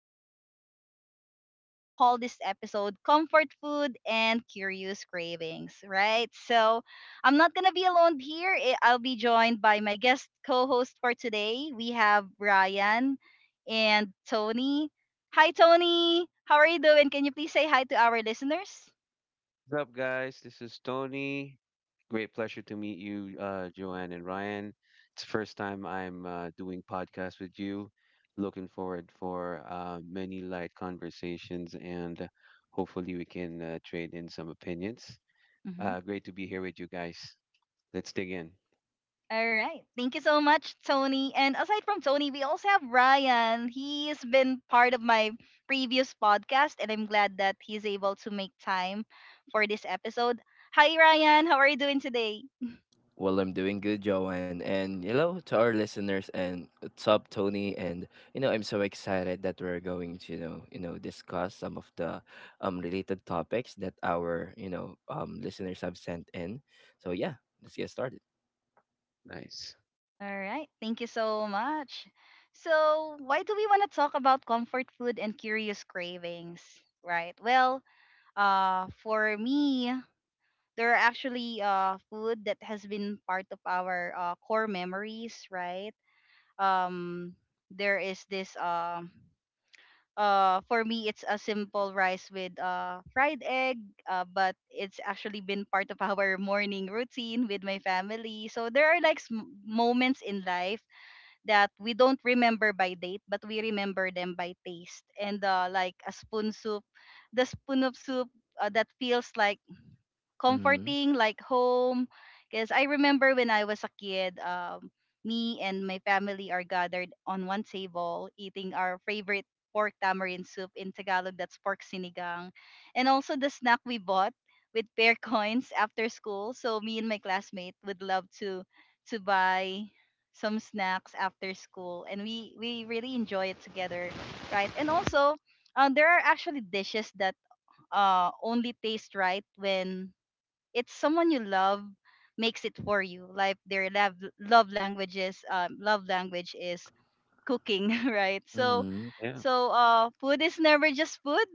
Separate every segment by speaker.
Speaker 1: a topic about food. So, we're gonna call this episode Comfort Food and Curious Cravings. Right? So, I'm not going to be alone here. I'll be joined by my guest co host for today. We have Ryan and Tony. Hi, Tony. How are you doing? Can you please say hi to our listeners?
Speaker 2: What's up, guys? This is Tony. Great pleasure to meet you, Joanne and Ryan. It's the first time I'm doing podcast with you. Looking forward for many light conversations and hopefully we can trade in some opinions.
Speaker 1: Hmm.
Speaker 2: Great to be here with you guys. Let's dig in.
Speaker 1: All right. Thank you so much, Tony. And aside from Tony, we also have Ryan. He has been part of my previous podcast, and I'm glad that he's able to make time for this episode. Hi, Ryan. How are you doing today?
Speaker 3: Well, I'm doing good, Joanne. And hello to our listeners and what's up, Tony. And I'm so excited that we're going to, discuss some of the related topics that our, listeners have sent in. So yeah, let's get started.
Speaker 2: Nice.
Speaker 1: All right. Thank you so much. So, why do we want to talk about comfort food and curious cravings? Right. Well, for me, there are actually food that has been part of our core memories, right? Um, there is this For me, it's a simple rice with fried egg, but it's actually been part of our morning routine with my family. So there are like moments in life that we don't remember by date, but we remember them by taste, and like a spoon soup the spoon of soup that feels like
Speaker 3: Mm-hmm.
Speaker 1: comforting, like home. Because I remember when I was a kid, me and my family are gathered on one table eating our favorite pork tamarind soup. In Tagalog, that's pork sinigang. And also the snack we bought with pair coins after school. So me and my classmate would love to buy some snacks after school, and we really enjoy it together, right? And also, there are actually dishes that only taste right when it's someone you love makes it for you, like their love language is cooking right? so
Speaker 3: Mm-hmm.
Speaker 2: Yeah,
Speaker 1: so food is never just food.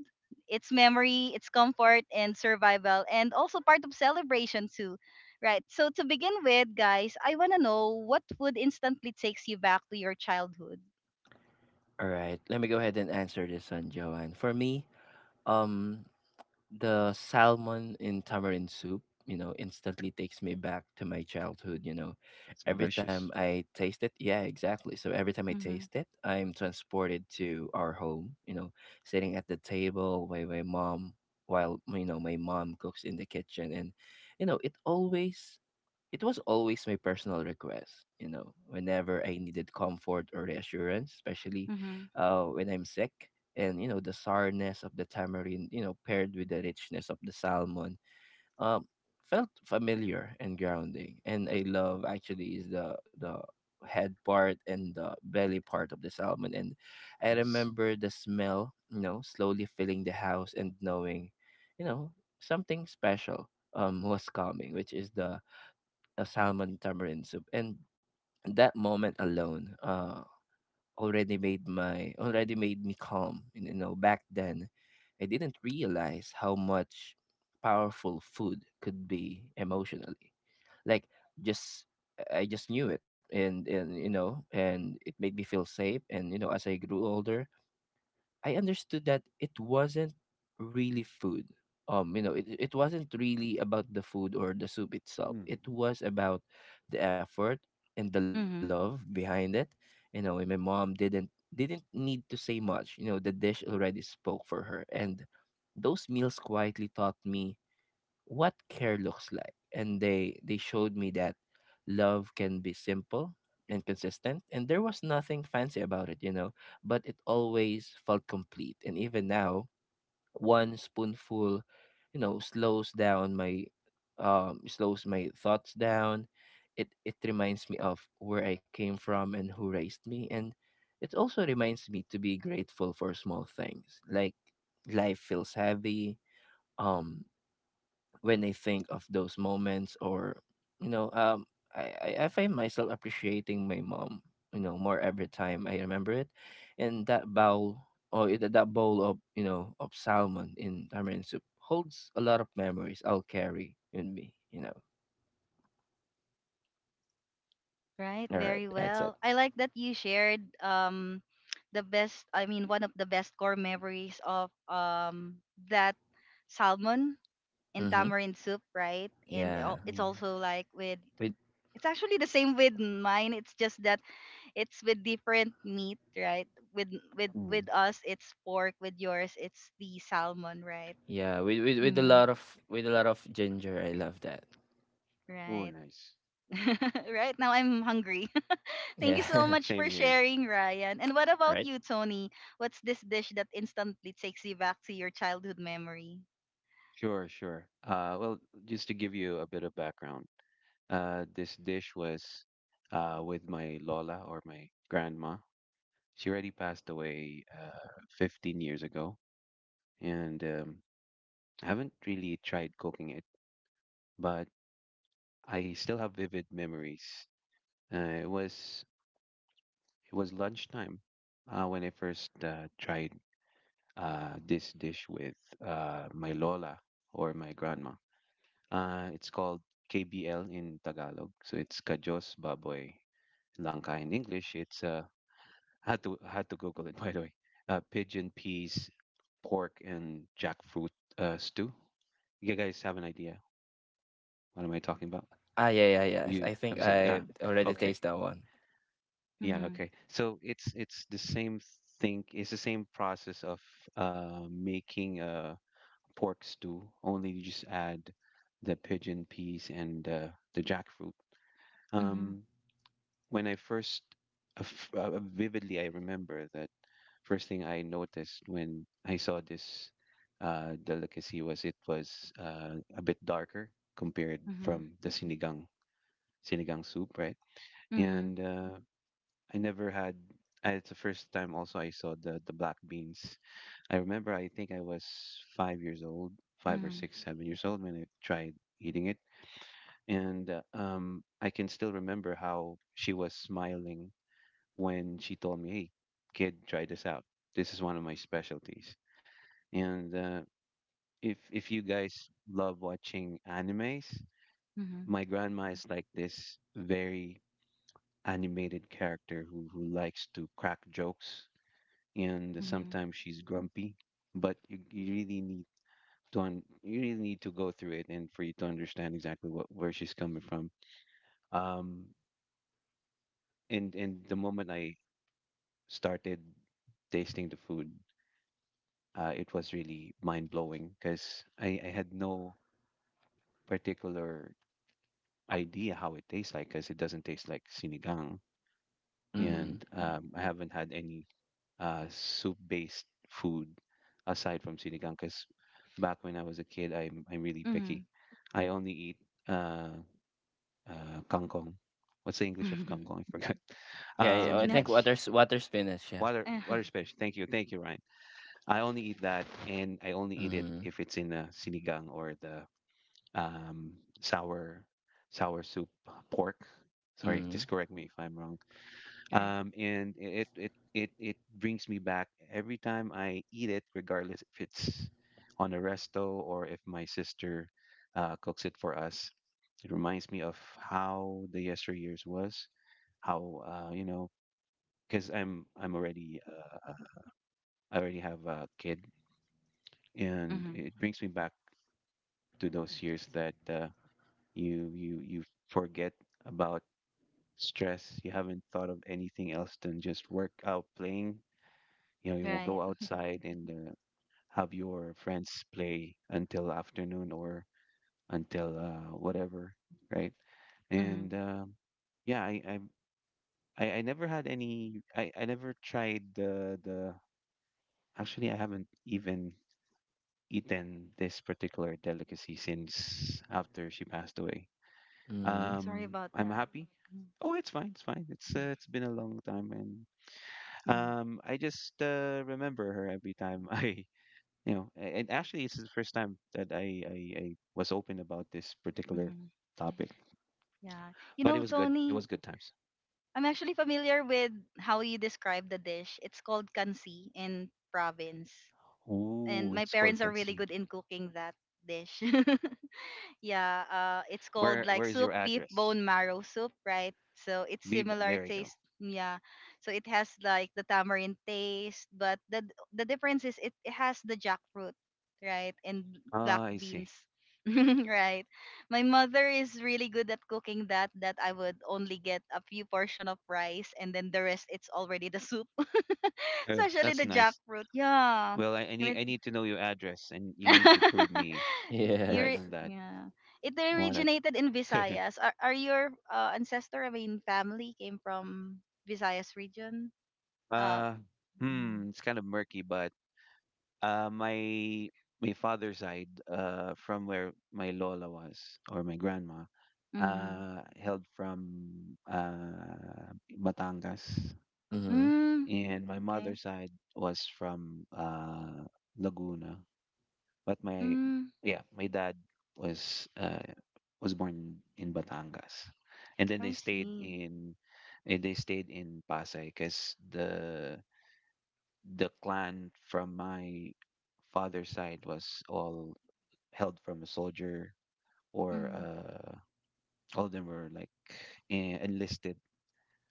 Speaker 1: It's memory, it's comfort and survival, and also part of celebration too, right? So to begin with, guys, I want to know, what food instantly takes you back to your childhood?
Speaker 3: All right. Let me go ahead and answer this one, Joanne. For me, um the salmon in tamarind soup, instantly takes me back to my childhood.
Speaker 2: that's
Speaker 3: Every time
Speaker 2: malicious.
Speaker 3: I taste it, yeah, exactly. So every time I
Speaker 1: Mm-hmm.
Speaker 3: taste it, I'm transported to our home, sitting at the table while my mom cooks in the kitchen. And you know, it always it was always my personal request, whenever I needed comfort or reassurance, especially
Speaker 1: Mm-hmm.
Speaker 3: when I'm sick. And, the sourness of the tamarind, paired with the richness of the salmon, um, felt familiar and grounding. And I love actually is the head part and the belly part of the salmon. And I
Speaker 2: Nice.
Speaker 3: remember the smell, slowly filling the house, and knowing, you know, something special was coming, which is the a salmon tamarind soup. And that moment alone already made me calm. And, back then I didn't realize how much powerful food could be emotionally. Like, just I just knew it, and and it made me feel safe. And as I grew older, I understood that it wasn't really food. It wasn't really about the food or the soup itself.
Speaker 2: Mm,
Speaker 3: It was about the effort and the love behind it. And my mom didn't need to say much. The dish already spoke for her. And those meals quietly taught me what care looks like, and they showed me that love can be simple and consistent. And there was nothing fancy about it, but it always felt complete. And even now, one spoonful you know slows down my slows my thoughts down. It reminds me of where I came from and who raised me. And it also reminds me to be grateful for small things. Like life feels heavy um when I think of those moments. Or you know um I find myself appreciating my mom, more every time I remember it. And that bowl of of salmon in tamarind soup holds a lot of memories I'll carry in me.
Speaker 1: Right,
Speaker 3: All right,
Speaker 1: very
Speaker 3: that's it.
Speaker 1: well. I like that you shared, the best I mean, one of the best core memories of that salmon and
Speaker 3: Mm-hmm.
Speaker 1: tamarind soup, right? And
Speaker 3: yeah
Speaker 1: al-
Speaker 2: mm,
Speaker 3: with
Speaker 1: it's actually the same with mine. It's just that it's with different meat, right? With with
Speaker 2: mm.
Speaker 1: with us it's pork, with yours it's the salmon, right?
Speaker 3: yeah with, with with a
Speaker 1: Mhm.
Speaker 3: lot of with a lot of ginger. I love that.
Speaker 2: Oh,
Speaker 1: Right.
Speaker 2: nice.
Speaker 1: Right now I'm hungry. Thank you so
Speaker 3: Yeah.
Speaker 1: much
Speaker 2: Same
Speaker 1: for
Speaker 2: here.
Speaker 1: sharing, Ryan. And what about
Speaker 3: Right.
Speaker 1: you, Tony? What's this dish that instantly takes you back to your childhood memory?
Speaker 2: Sure. Just to give you a bit of background, this dish was with my Lola or my grandma. She already passed away 15 years ago, and I haven't really tried cooking it, but I still have vivid memories. Uh, it was it was lunchtime when I first tried this dish with my Lola or my grandma. It's called KBL in Tagalog, so it's Kajos Baboy Langka in English. It's I had to Google it by the way. Pigeon peas, pork, and jackfruit stew. You guys have an idea? What am I talking about?
Speaker 3: Ah, ah, yeah, yeah,
Speaker 2: Have
Speaker 3: yes,
Speaker 2: you
Speaker 3: I
Speaker 2: have
Speaker 3: think
Speaker 2: you seen? Yeah.
Speaker 3: I already
Speaker 2: Okay.
Speaker 3: taste that one.
Speaker 2: Yeah.
Speaker 1: Mm-hmm.
Speaker 2: Okay. So it's the same thing. It's the same process of making a pork stew. Only you just add the pigeon peas and the jackfruit.
Speaker 1: Mm-hmm.
Speaker 2: Um, when I first vividly I remember that first thing I noticed when I saw this delicacy was it was a bit darker compared
Speaker 1: Mm-hmm.
Speaker 2: from the sinigang soup, right? And I never had. It's the first time also I saw the black beans. I remember I think I was 5 years old, five or
Speaker 1: Mm-hmm.
Speaker 2: six, 7 years old when I tried eating it, and I can still remember how she was smiling when she told me, "Hey, kid, try this out. This is one of my specialties." And if you guys love watching animes,
Speaker 1: Mm-hmm.
Speaker 2: my grandma is like this very animated character who likes to crack jokes, and
Speaker 1: Mm-hmm.
Speaker 2: sometimes she's grumpy, but you really need to you really need to go through it and for you to understand exactly what where she's coming from. Um, and the moment I started tasting the food, it was really mind blowing because I had no particular idea how it tastes like because it doesn't taste like sinigang,
Speaker 1: Mm-hmm.
Speaker 3: Mm.
Speaker 2: and I haven't had any soup based food aside from sinigang because back when I was a kid, I'm really
Speaker 1: Mm-hmm.
Speaker 2: picky. I only eat uh, kangkong. What's the English of
Speaker 1: Mm-hmm.
Speaker 2: kangkong? I forgot.
Speaker 3: Yeah, yeah, I think
Speaker 2: Um,
Speaker 1: Spinach.
Speaker 3: water spinach, yeah.
Speaker 2: Water
Speaker 1: Uh-huh.
Speaker 2: water fish. Thank you, Ryan. I only eat that, and I only eat it
Speaker 3: Mhm.
Speaker 2: if it's in a sinigang or the um, sour sour soup pork. Sorry, just
Speaker 3: Mhm.
Speaker 2: correct me if I'm wrong.
Speaker 1: Right.
Speaker 2: And it brings me back every time I eat it, regardless if it's on a resto or if my sister cooks it for us. It reminds me of how the yesteryears was, how you know, because I'm already I already have a kid, and
Speaker 1: Mm-hmm.
Speaker 2: it brings me back to those years that you forget about stress, you haven't thought of anything else than just work out playing. You know, you will
Speaker 1: Right.
Speaker 2: go outside and have your friends play until afternoon or until whatever, right? And
Speaker 1: Mm-hmm.
Speaker 2: yeah, I never had any. I never tried the the. Actually, I haven't even eaten this particular delicacy since after she passed away.
Speaker 1: Mm-hmm.
Speaker 3: Mhm.
Speaker 1: Sorry
Speaker 2: Um,
Speaker 1: about
Speaker 2: I'm
Speaker 1: that.
Speaker 2: happy.
Speaker 1: Mm-hmm.
Speaker 2: Oh, it's fine. It's fine. It's been a long time, and
Speaker 1: Mm-hmm.
Speaker 2: I just remember her every time you know, and actually it's the first time that I was open about this particular
Speaker 1: Mm-hmm.
Speaker 2: topic.
Speaker 1: Yeah. You
Speaker 2: But it
Speaker 1: know,
Speaker 2: was good. It
Speaker 1: Tony,
Speaker 2: was good times.
Speaker 1: I'm actually familiar with how you describe the dish. It's called kansi in province, and
Speaker 2: Ooh,
Speaker 1: my
Speaker 2: it's called
Speaker 1: parents are really
Speaker 2: Kansi.
Speaker 1: good in cooking that dish. Yeah, it's called
Speaker 2: Where
Speaker 1: like
Speaker 2: is your
Speaker 1: soup beef
Speaker 2: address?
Speaker 1: bone marrow soup, right? So it's
Speaker 2: Be
Speaker 1: similar
Speaker 2: there you go.
Speaker 1: taste. Yeah, so it has like the tamarind taste, but the difference is, it has the jackfruit, right, and black
Speaker 2: Ah, I see.
Speaker 1: beans, right. My mother is really good at cooking that. That I would only get a few portion of rice, and then the rest it's already the soup, especially
Speaker 2: That's
Speaker 1: the
Speaker 2: nice.
Speaker 1: jackfruit. Yeah,
Speaker 2: Well, I need
Speaker 1: and
Speaker 2: I need to know your address, and you need to prove me right
Speaker 3: Yes.
Speaker 2: on that.
Speaker 1: yeah. It
Speaker 2: I want
Speaker 1: originated in
Speaker 2: to.
Speaker 1: Visayas. Are your ancestor, I mean, family came from Visayas region? Uh,
Speaker 2: uh,
Speaker 1: mm,
Speaker 2: it's kind of murky, but my my father's side, from where my lola was or my grandma,
Speaker 1: mm,
Speaker 2: held from uh, Batangas,
Speaker 3: Mhm.
Speaker 1: mm,
Speaker 2: and my
Speaker 1: okay.
Speaker 2: mother's side was from Laguna. But my
Speaker 1: Mm,
Speaker 2: Yeah, my dad was uh, was born in Batangas, and then
Speaker 1: I see.
Speaker 2: they stayed in Pasay because the clan from my father's side was all held from a soldier or
Speaker 1: Mm,
Speaker 2: all of them were like enlisted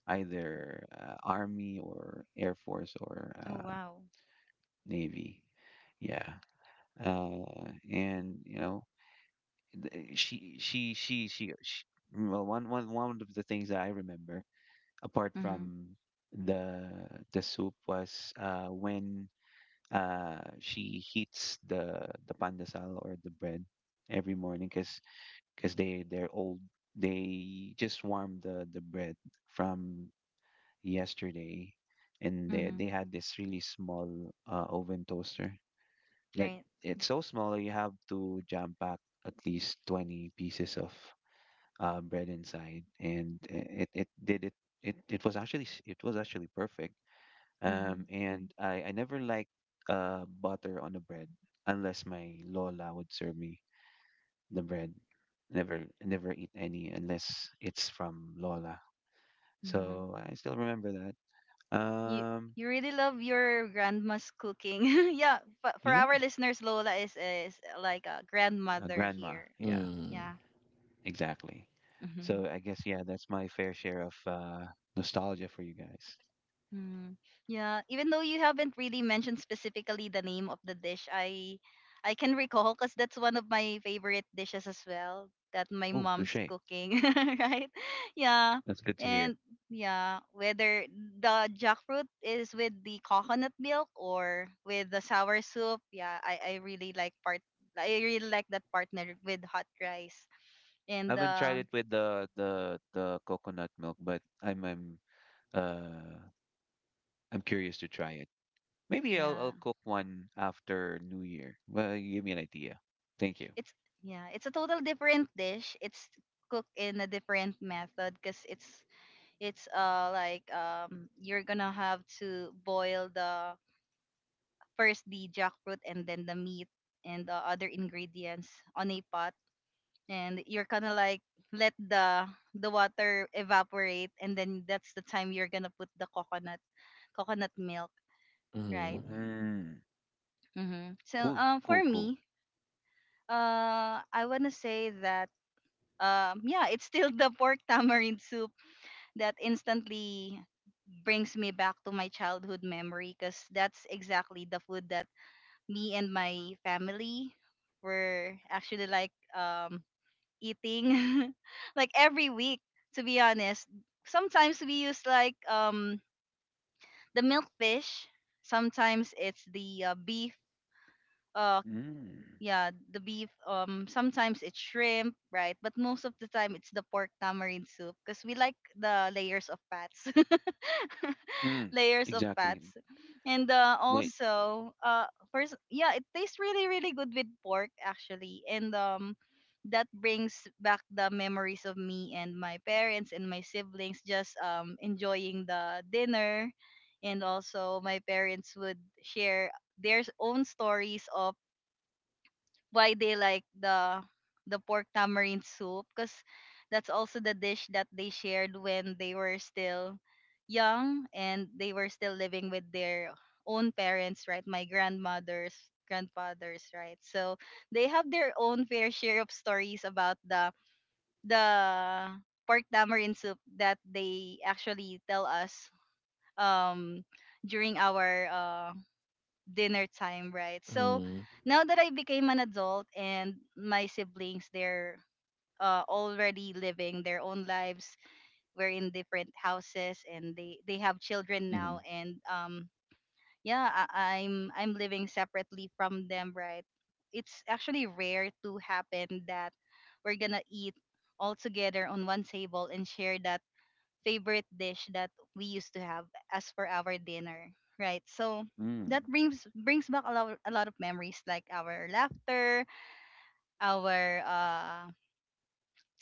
Speaker 2: either army or air force or
Speaker 1: oh, wow.
Speaker 2: navy. Yeah. And you know, she, well, one of the things that I remember apart
Speaker 1: Mm,
Speaker 2: from the the soup was when she heats the pandesal or the bread every morning because cause they they're old. They just warmed the bread from yesterday, and
Speaker 1: mm,
Speaker 2: they had this really small oven toaster that
Speaker 1: right.
Speaker 2: it's so small that you have to jam pack at least 20 pieces of bread inside, and it did it. It was actually it was actually perfect.
Speaker 1: Mm,
Speaker 2: And I never liked butter on the bread unless my lola would serve me the bread. Never eat any unless it's from lola.
Speaker 1: mm.
Speaker 2: So I still remember that.
Speaker 1: You, you really love your grandma's cooking. Yeah, but for
Speaker 2: Yeah,
Speaker 1: our listeners, Lola is like a grandmother
Speaker 2: grandma.
Speaker 1: here.
Speaker 2: Yeah,
Speaker 1: Yeah.
Speaker 3: Mhm.
Speaker 2: exactly. So I guess yeah, that's my fair share of nostalgia for you guys.
Speaker 1: Mm, yeah, even though you haven't really mentioned specifically the name of the dish, I can recall because that's one of my favorite dishes as well that my
Speaker 2: Oh,
Speaker 1: mom's
Speaker 2: touche.
Speaker 1: cooking, right? Yeah.
Speaker 2: That's good to hear.
Speaker 1: And yeah, whether the jackfruit is with the coconut milk or with the sour soup, yeah, I really like part I really like that partner with hot rice.
Speaker 2: I
Speaker 1: And
Speaker 2: haven't tried it with the coconut milk, but uh I'm curious to try it. Maybe
Speaker 1: yeah,
Speaker 2: I'll cook one after New Year. Well, you give me an idea. Thank you.
Speaker 1: it's, yeah, it's a total different dish. It's cooked in a different method, because it's like, you're gonna have to boil the first the jackfruit, and then the meat and the other ingredients on a pot, and you're gonna like let the water evaporate, and then that's the time you're gonna put the coconut milk, right?
Speaker 3: Mhm.
Speaker 2: Mm.
Speaker 1: Mm-hmm. So, for
Speaker 2: Cool.
Speaker 1: me, I wanna say that, yeah, it's still the pork tamarind soup that instantly brings me back to my childhood memory, because that's exactly the food that me and my family were actually like, eating like every week, to be honest. Sometimes we use like, the milkfish; sometimes it's the beef. uh,
Speaker 2: Mm.
Speaker 1: yeah, the beef, sometimes it's shrimp, right? But most of the time it's the pork tamarind soup, because we like the layers of fats
Speaker 2: Mm.
Speaker 1: layers of
Speaker 2: Exactly.
Speaker 1: fats. And
Speaker 2: Wait.
Speaker 1: also, first, yeah, it tastes really really good with pork, actually. And that brings back the memories of me and my parents and my siblings just enjoying the dinner. And also my parents would share their own stories of why they like the pork tamarind soup, because that's also the dish that they shared when they were still young and they were still living with their own parents, right? My grandmothers, grandfathers, right? So they have their own fair share of stories about the pork tamarind soup that they actually tell us um during our dinner time, right? So
Speaker 3: Mhm.
Speaker 1: now that I became an adult, and my siblings, they're already living their own lives. We're in different houses, and they have children
Speaker 2: Mm-hmm.
Speaker 1: now. And yeah, I'm living separately from them, right? It's actually rare to happen that we're gonna eat all together on one table and share that favorite dish that we used to have as for our dinner, right? So
Speaker 2: Mm.
Speaker 1: that brings back a lot of memories, like our laughter, our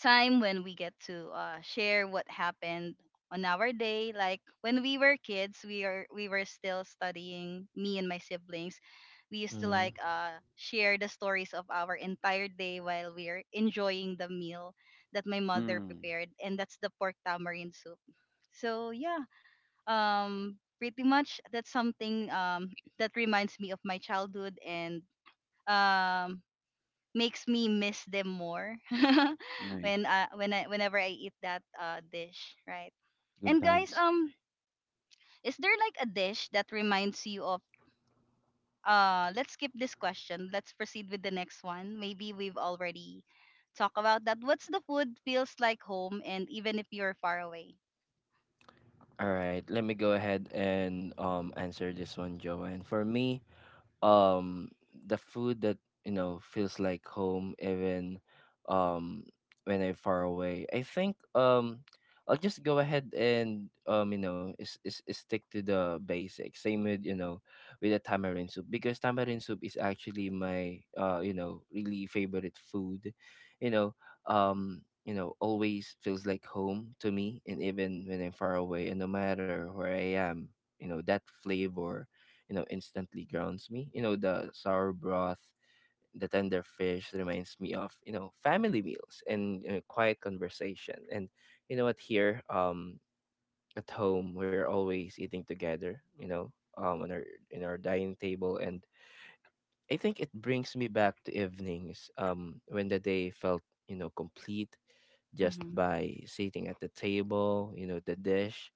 Speaker 1: time when we get to share what happened on our day. Like when we were kids, we are, we were still studying, me and my siblings, we used to like
Speaker 3: Mhm.
Speaker 1: share the stories of our entire day while we are enjoying the meal that my mother
Speaker 2: Mm.
Speaker 1: prepared, and that's the pork tamarind soup. So yeah, pretty much that's something that reminds me of my childhood, and um makes me miss them more
Speaker 2: Nice.
Speaker 1: when I whenever I eat that dish, right?
Speaker 2: Good
Speaker 1: And guys,
Speaker 2: times.
Speaker 1: is there like a dish that reminds you of— let's skip this question. Let's proceed with the next one. Maybe we've already talked about that. What's the food feels like home and even if you're far away?
Speaker 3: All right, let me go ahead and answer this one, Joanne. For me, um the food that feels like home, even um when I'm far away. I think I'll just go ahead and is stick to the basics. Same with with the tamarind soup, because tamarind soup is actually my really favorite food. You know Always feels like home to me, and even when I'm far away and no matter where I am, that flavor, instantly grounds me. The sour broth, the tender fish reminds me of, family meals and quiet conversation. And you know what, here, at home, we're always eating together, um, on our, in our dining table. And I think it brings me back to evenings, when the day felt, complete just
Speaker 1: Mhm.
Speaker 3: by sitting at the table. The dish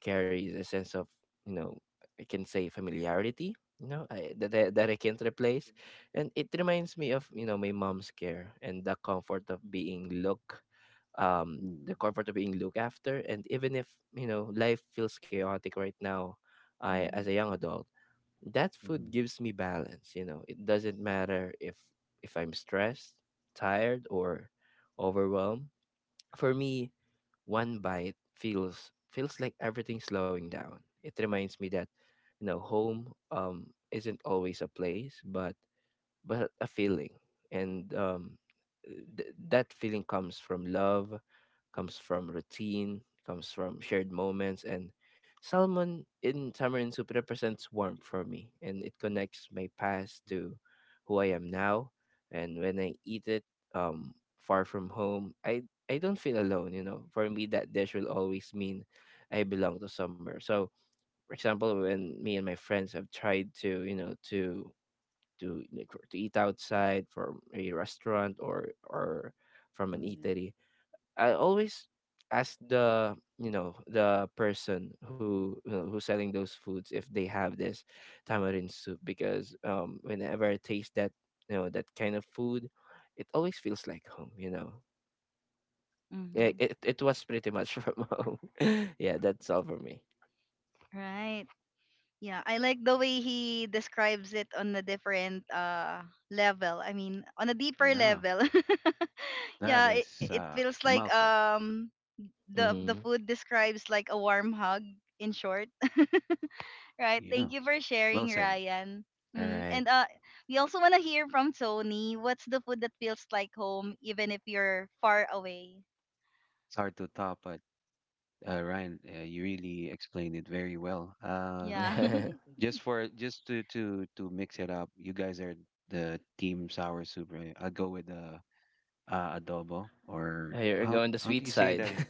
Speaker 3: carries a sense of, you know, I can say, familiarity, that I can't replace. And it reminds me of, my mom's care and the
Speaker 2: Mm.
Speaker 3: comfort of being looked after. And even if life feels chaotic right now, I, as a
Speaker 1: Mhm.
Speaker 3: young adult, that food
Speaker 2: Mm-hmm.
Speaker 3: gives me balance. It doesn't matter if I'm stressed, tired, or overwhelmed. For me, one bite feels like everything's slowing down. It reminds me that, home isn't always a place, but a feeling. And that feeling comes from love, comes from routine, comes from shared moments. And salmon in tamarind soup represents warmth for me, and it connects my past to who I am now. And when I eat it, far from home, I don't feel alone. For me, that dish will always mean I belong to somewhere. So for example, when me and my friends have tried to, to eat outside from a restaurant, or from an
Speaker 2: Mm.
Speaker 3: eatery, I always ask the person who, who's selling those foods, if they have this tamarind soup, because whenever I taste that, that kind of food, it always feels like home. Yeah,
Speaker 1: Mhm.
Speaker 3: it was pretty much from home. Yeah, that's all for me.
Speaker 1: Right. Yeah, I like the way he describes it on a different level. I mean, on a deeper
Speaker 2: Yeah.
Speaker 1: level.
Speaker 2: That
Speaker 1: Yeah, it,
Speaker 2: is
Speaker 1: it feels
Speaker 2: a
Speaker 1: like,
Speaker 2: mouthful.
Speaker 1: the
Speaker 3: Mm-hmm.
Speaker 1: food describes like a warm hug, in short. Right.
Speaker 2: Yeah.
Speaker 1: Thank you for
Speaker 2: Well
Speaker 1: sharing,
Speaker 2: said.
Speaker 1: Ryan.
Speaker 3: All
Speaker 1: Mm,
Speaker 3: right.
Speaker 1: and we also want to hear from Tony. What's the food that feels like home even if you're far away?
Speaker 2: It's hard to top, but Ryan, you really explained it very well.
Speaker 1: Yeah.
Speaker 2: Just for just to mix it up, you guys are the team sour soup, right? I'll go with the adobo. Or
Speaker 3: You're
Speaker 2: how
Speaker 3: going the
Speaker 2: how do
Speaker 3: sweet
Speaker 2: you say
Speaker 3: side.
Speaker 2: that in,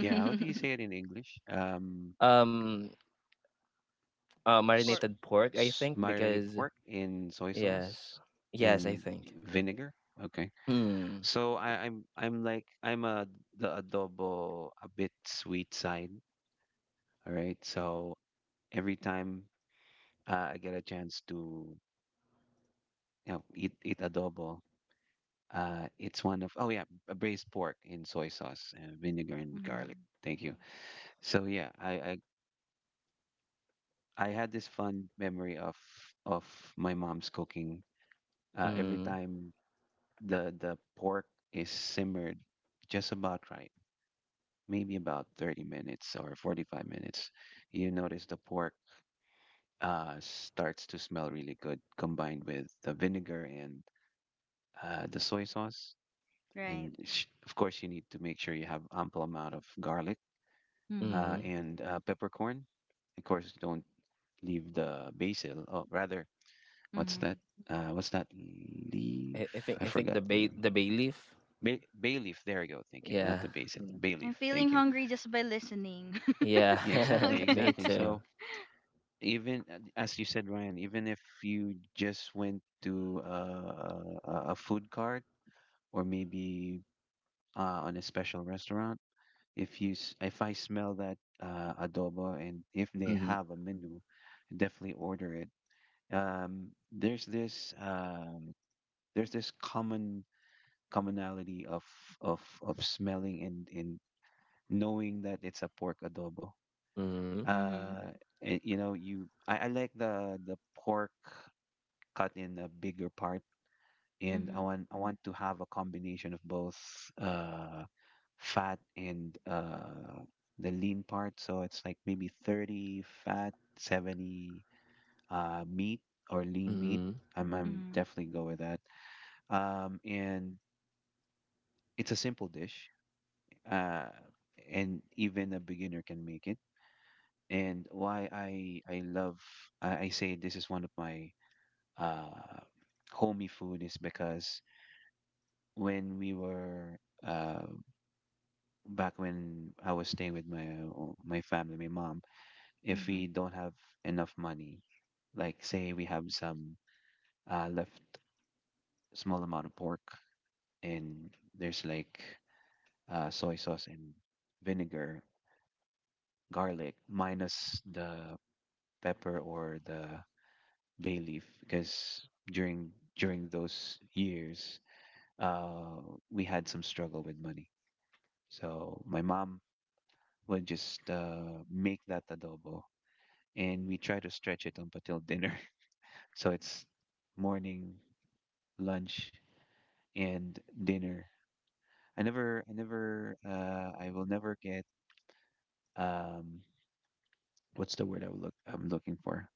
Speaker 2: yeah, how do you say it in English?
Speaker 3: um
Speaker 2: S
Speaker 1: Or,
Speaker 3: Marinated pork, I
Speaker 2: s
Speaker 3: think,
Speaker 2: Marinated
Speaker 3: because
Speaker 2: pork in soy
Speaker 3: yes,
Speaker 2: sauce
Speaker 3: yes, I
Speaker 2: and
Speaker 3: think.
Speaker 2: vinegar. Okay.
Speaker 3: Mm,
Speaker 2: So I'm like I'm a, the adobo a bit sweet side. All right. So every time I get a chance to you know eat adobo. It's one of, oh yeah, a braised pork in soy sauce, vinegar and garlic.
Speaker 1: mhm,
Speaker 2: Thank you. So yeah, I had this fun memory of of my mom's cooking. Every
Speaker 3: mm,
Speaker 2: time the pork is simmered just about right, maybe about 30 minutes or 45 minutes, you notice the pork starts to smell really good, combined with the vinegar and the soy sauce.
Speaker 1: right.
Speaker 2: And of course, you need to make sure you have ample amount of garlic
Speaker 1: Mhm.
Speaker 2: uh,
Speaker 3: mm.
Speaker 2: and uh, peppercorn. Of course, don't leave the basil. Oh, rather, what's that?
Speaker 1: Mhm.
Speaker 2: What's that
Speaker 3: I,
Speaker 2: leaf?
Speaker 3: I think
Speaker 2: I
Speaker 3: I think the
Speaker 2: forgot the
Speaker 3: bay
Speaker 2: name.
Speaker 3: the bay leaf.
Speaker 2: Bay leaf. There you go. Thank you. Not
Speaker 3: Yeah,
Speaker 2: the basil. Mm. Bay
Speaker 1: I'm
Speaker 2: leaf. Thank
Speaker 1: feeling
Speaker 2: you.
Speaker 1: hungry just by listening.
Speaker 2: Yeah,
Speaker 3: yeah,
Speaker 2: exactly.
Speaker 1: Okay.
Speaker 3: me
Speaker 2: Exactly.
Speaker 3: too.
Speaker 2: So even as you said, Ryan, even if you just went to a food cart or maybe on a special restaurant, if you if I smell that adobo and if they
Speaker 3: Mm,
Speaker 2: have a menu, definitely order it. um, there's this um, there's this commonality of smelling and in knowing that it's a pork adobo.
Speaker 3: mm,
Speaker 1: Mhm.
Speaker 2: Uh, and, you know, I like the pork cut in a bigger part, and
Speaker 1: Mhm.
Speaker 2: I want to have a combination of both uh, fat and the lean part. So it's like maybe 30 fat, 70 meat or lean meat.
Speaker 3: mm,
Speaker 2: I'm
Speaker 1: Mhm.
Speaker 2: definitely go with that. And it's a simple dish, uh, and even a beginner can make it. And why I love I say this is one of my uh, homey food is because when we were uh, back when I was staying with my my family, my mom, if we
Speaker 1: Mhm.
Speaker 2: don't have enough money, like say we have some left small amount of pork and there's like soy sauce and vinegar garlic minus the pepper or the bay leaf because during during those years uh we had some struggle with money, so my mom would just make that adobo, and we try to stretch it up until dinner. So it's morning, lunch, and dinner. I will never get um what's the word I'm looking for.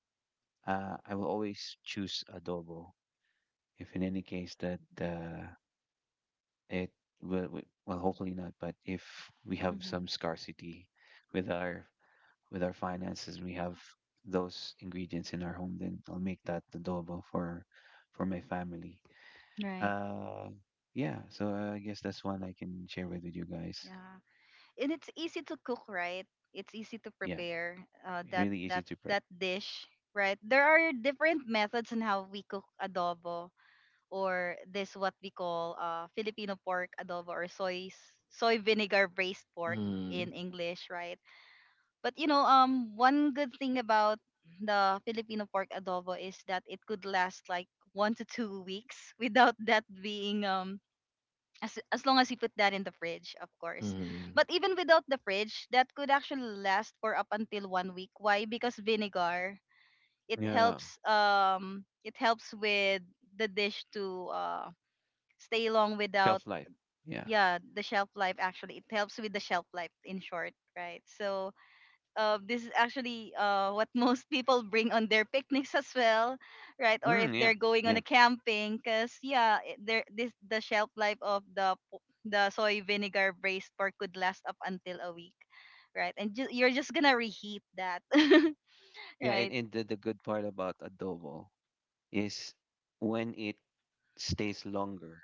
Speaker 2: I will always choose adobo if in any case that it will well, hopefully not, but if we have some
Speaker 1: Mhm.
Speaker 2: scarcity with our with our finances, we have those ingredients in our home, then I'll make that adobo for my family.
Speaker 1: Right.
Speaker 2: uh yeah, so I guess that's one I can share with you guys.
Speaker 1: Yeah. And it's easy to cook, right? It's easy to
Speaker 2: Yeah
Speaker 1: prepare, that
Speaker 2: really easy
Speaker 1: that
Speaker 2: to prep.
Speaker 1: that dish, right? There are different methods on how we cook adobo, or this what we call Filipino pork adobo, or soy vinegar braised pork in
Speaker 3: mm,
Speaker 1: English, right? But one good thing about the Filipino pork adobo is that it could last like 1 to 2 weeks without that being as, long as you put that in the fridge, of course.
Speaker 3: mm,
Speaker 1: But even without the fridge, that could actually last for up until one week. Why? Because vinegar, it
Speaker 2: Yeah,
Speaker 1: helps um it helps with the dish to stay long without—
Speaker 2: shelf life. Yeah.
Speaker 1: yeah, the shelf life, actually it helps with the shelf life, in short, right? So this is actually what most people bring on their picnics as well, right? Or if
Speaker 2: Mm, yeah.
Speaker 1: they're going on
Speaker 2: Yeah,
Speaker 1: a camping, because yeah, the shelf life of the soy vinegar braised pork could last up until a week, right? And you're just gonna reheat that,
Speaker 2: yeah, and,
Speaker 1: right?
Speaker 2: and the, good part about adobo is when it stays longer,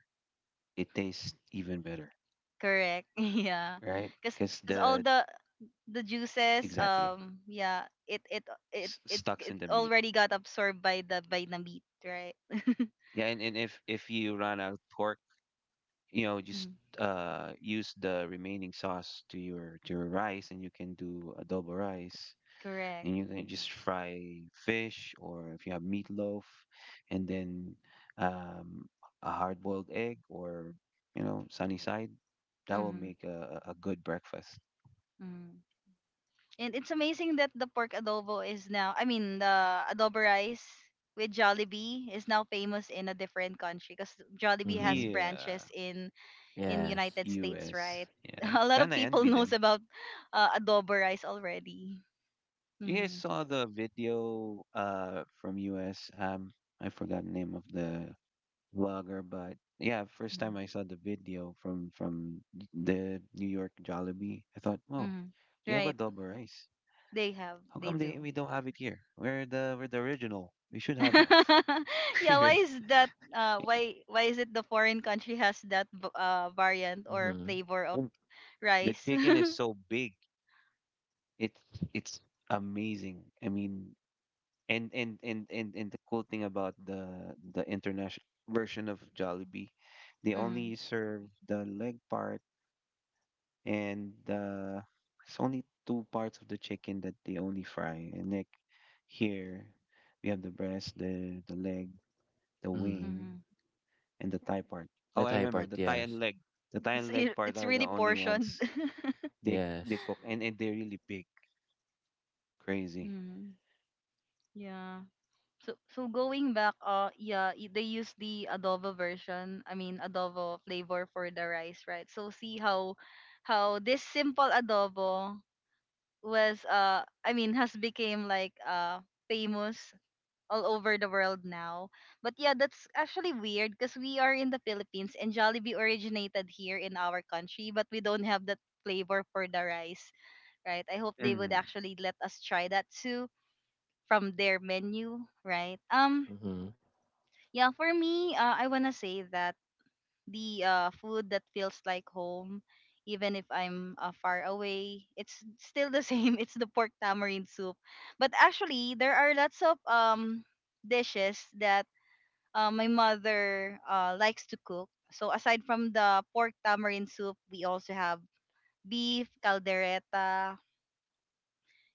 Speaker 2: it tastes even better,
Speaker 1: Correct, yeah,
Speaker 2: right?
Speaker 1: because
Speaker 2: Because
Speaker 1: because all
Speaker 2: the
Speaker 1: the juices
Speaker 2: exactly
Speaker 1: yeah it it it
Speaker 2: s-
Speaker 1: it
Speaker 2: stucks
Speaker 1: it
Speaker 2: in the meat.
Speaker 1: already got absorbed by the meat, right.
Speaker 2: Yeah, and, if you run out of pork, you know, just
Speaker 1: Mhm.
Speaker 2: use the remaining sauce to your rice, and you can do adobo rice,
Speaker 1: Correct.
Speaker 2: and you can just fry fish, or if you have meatloaf, and then um a hard-boiled egg, or you know, sunny side. That will
Speaker 1: Mm-hmm.
Speaker 2: make a good breakfast.
Speaker 1: Mm. And it's amazing that the pork adobo is now, I mean, the adobo rice with Jollibee is now famous in a different country because Jollibee has
Speaker 3: mm.
Speaker 2: Yeah,
Speaker 1: branches in
Speaker 3: Yes.
Speaker 1: United States,
Speaker 2: U.S.
Speaker 1: right?
Speaker 2: Yeah,
Speaker 1: A lot
Speaker 2: kind
Speaker 1: of
Speaker 2: of
Speaker 1: people
Speaker 2: envy
Speaker 1: knows
Speaker 2: them.
Speaker 1: about adobo rice already.
Speaker 2: You guys
Speaker 1: Mm.
Speaker 2: saw the video from US. I forgot the name of the vlogger, but yeah, first
Speaker 1: Mm.
Speaker 2: time I saw the video from the New York Jollibee, I thought, oh,
Speaker 1: Mm.
Speaker 2: they have
Speaker 1: Right.
Speaker 2: adobo rice.
Speaker 1: They have.
Speaker 2: How
Speaker 1: They
Speaker 2: come they
Speaker 1: do.
Speaker 2: we don't have it here? We're the original. We should have that.
Speaker 1: Yeah, why
Speaker 2: Right.
Speaker 1: is that why is it the foreign country has that variant or
Speaker 3: Mm,
Speaker 1: flavor of
Speaker 2: And the
Speaker 1: rice?
Speaker 2: chicken is so big. It's it's amazing. I mean, and the cool thing about the international version of Jollibee, they only serve the leg part and the it's only two parts of the chicken that they only fry. And like here, we have the breast, the leg, the
Speaker 3: mm.
Speaker 2: wing,
Speaker 1: Mm-hmm.
Speaker 2: and the thigh part. Oh,
Speaker 3: The
Speaker 2: I
Speaker 3: Thai
Speaker 2: remember
Speaker 3: part,
Speaker 2: the thigh
Speaker 3: yes,
Speaker 2: and leg. The thigh
Speaker 1: It's
Speaker 2: and
Speaker 1: i-
Speaker 2: leg part
Speaker 1: it's
Speaker 2: are the
Speaker 1: really
Speaker 2: only ones
Speaker 1: portioned.
Speaker 2: they
Speaker 3: yes.
Speaker 2: cook, and, they're really big, crazy.
Speaker 1: Mm. Yeah. So going back, yeah, they use the adobo version. I mean, adobo flavor for the rice, right? So see how this simple adobo was I mean has became like famous all over the world now. But yeah, that's actually weird because we are in the Philippines and Jollibee originated here in our country, but we don't have that flavor for the rice. Right? I hope they would
Speaker 2: Mm-hmm.
Speaker 1: actually let us try that too from their menu, right?
Speaker 3: Mm,
Speaker 1: Yeah, for me, I wanna say that the food that feels like home, even if I'm far away, it's still the same. It's the pork tamarind soup. But actually, there are lots of dishes that my mother likes to cook. So aside from the pork tamarind soup, we also have beef caldereta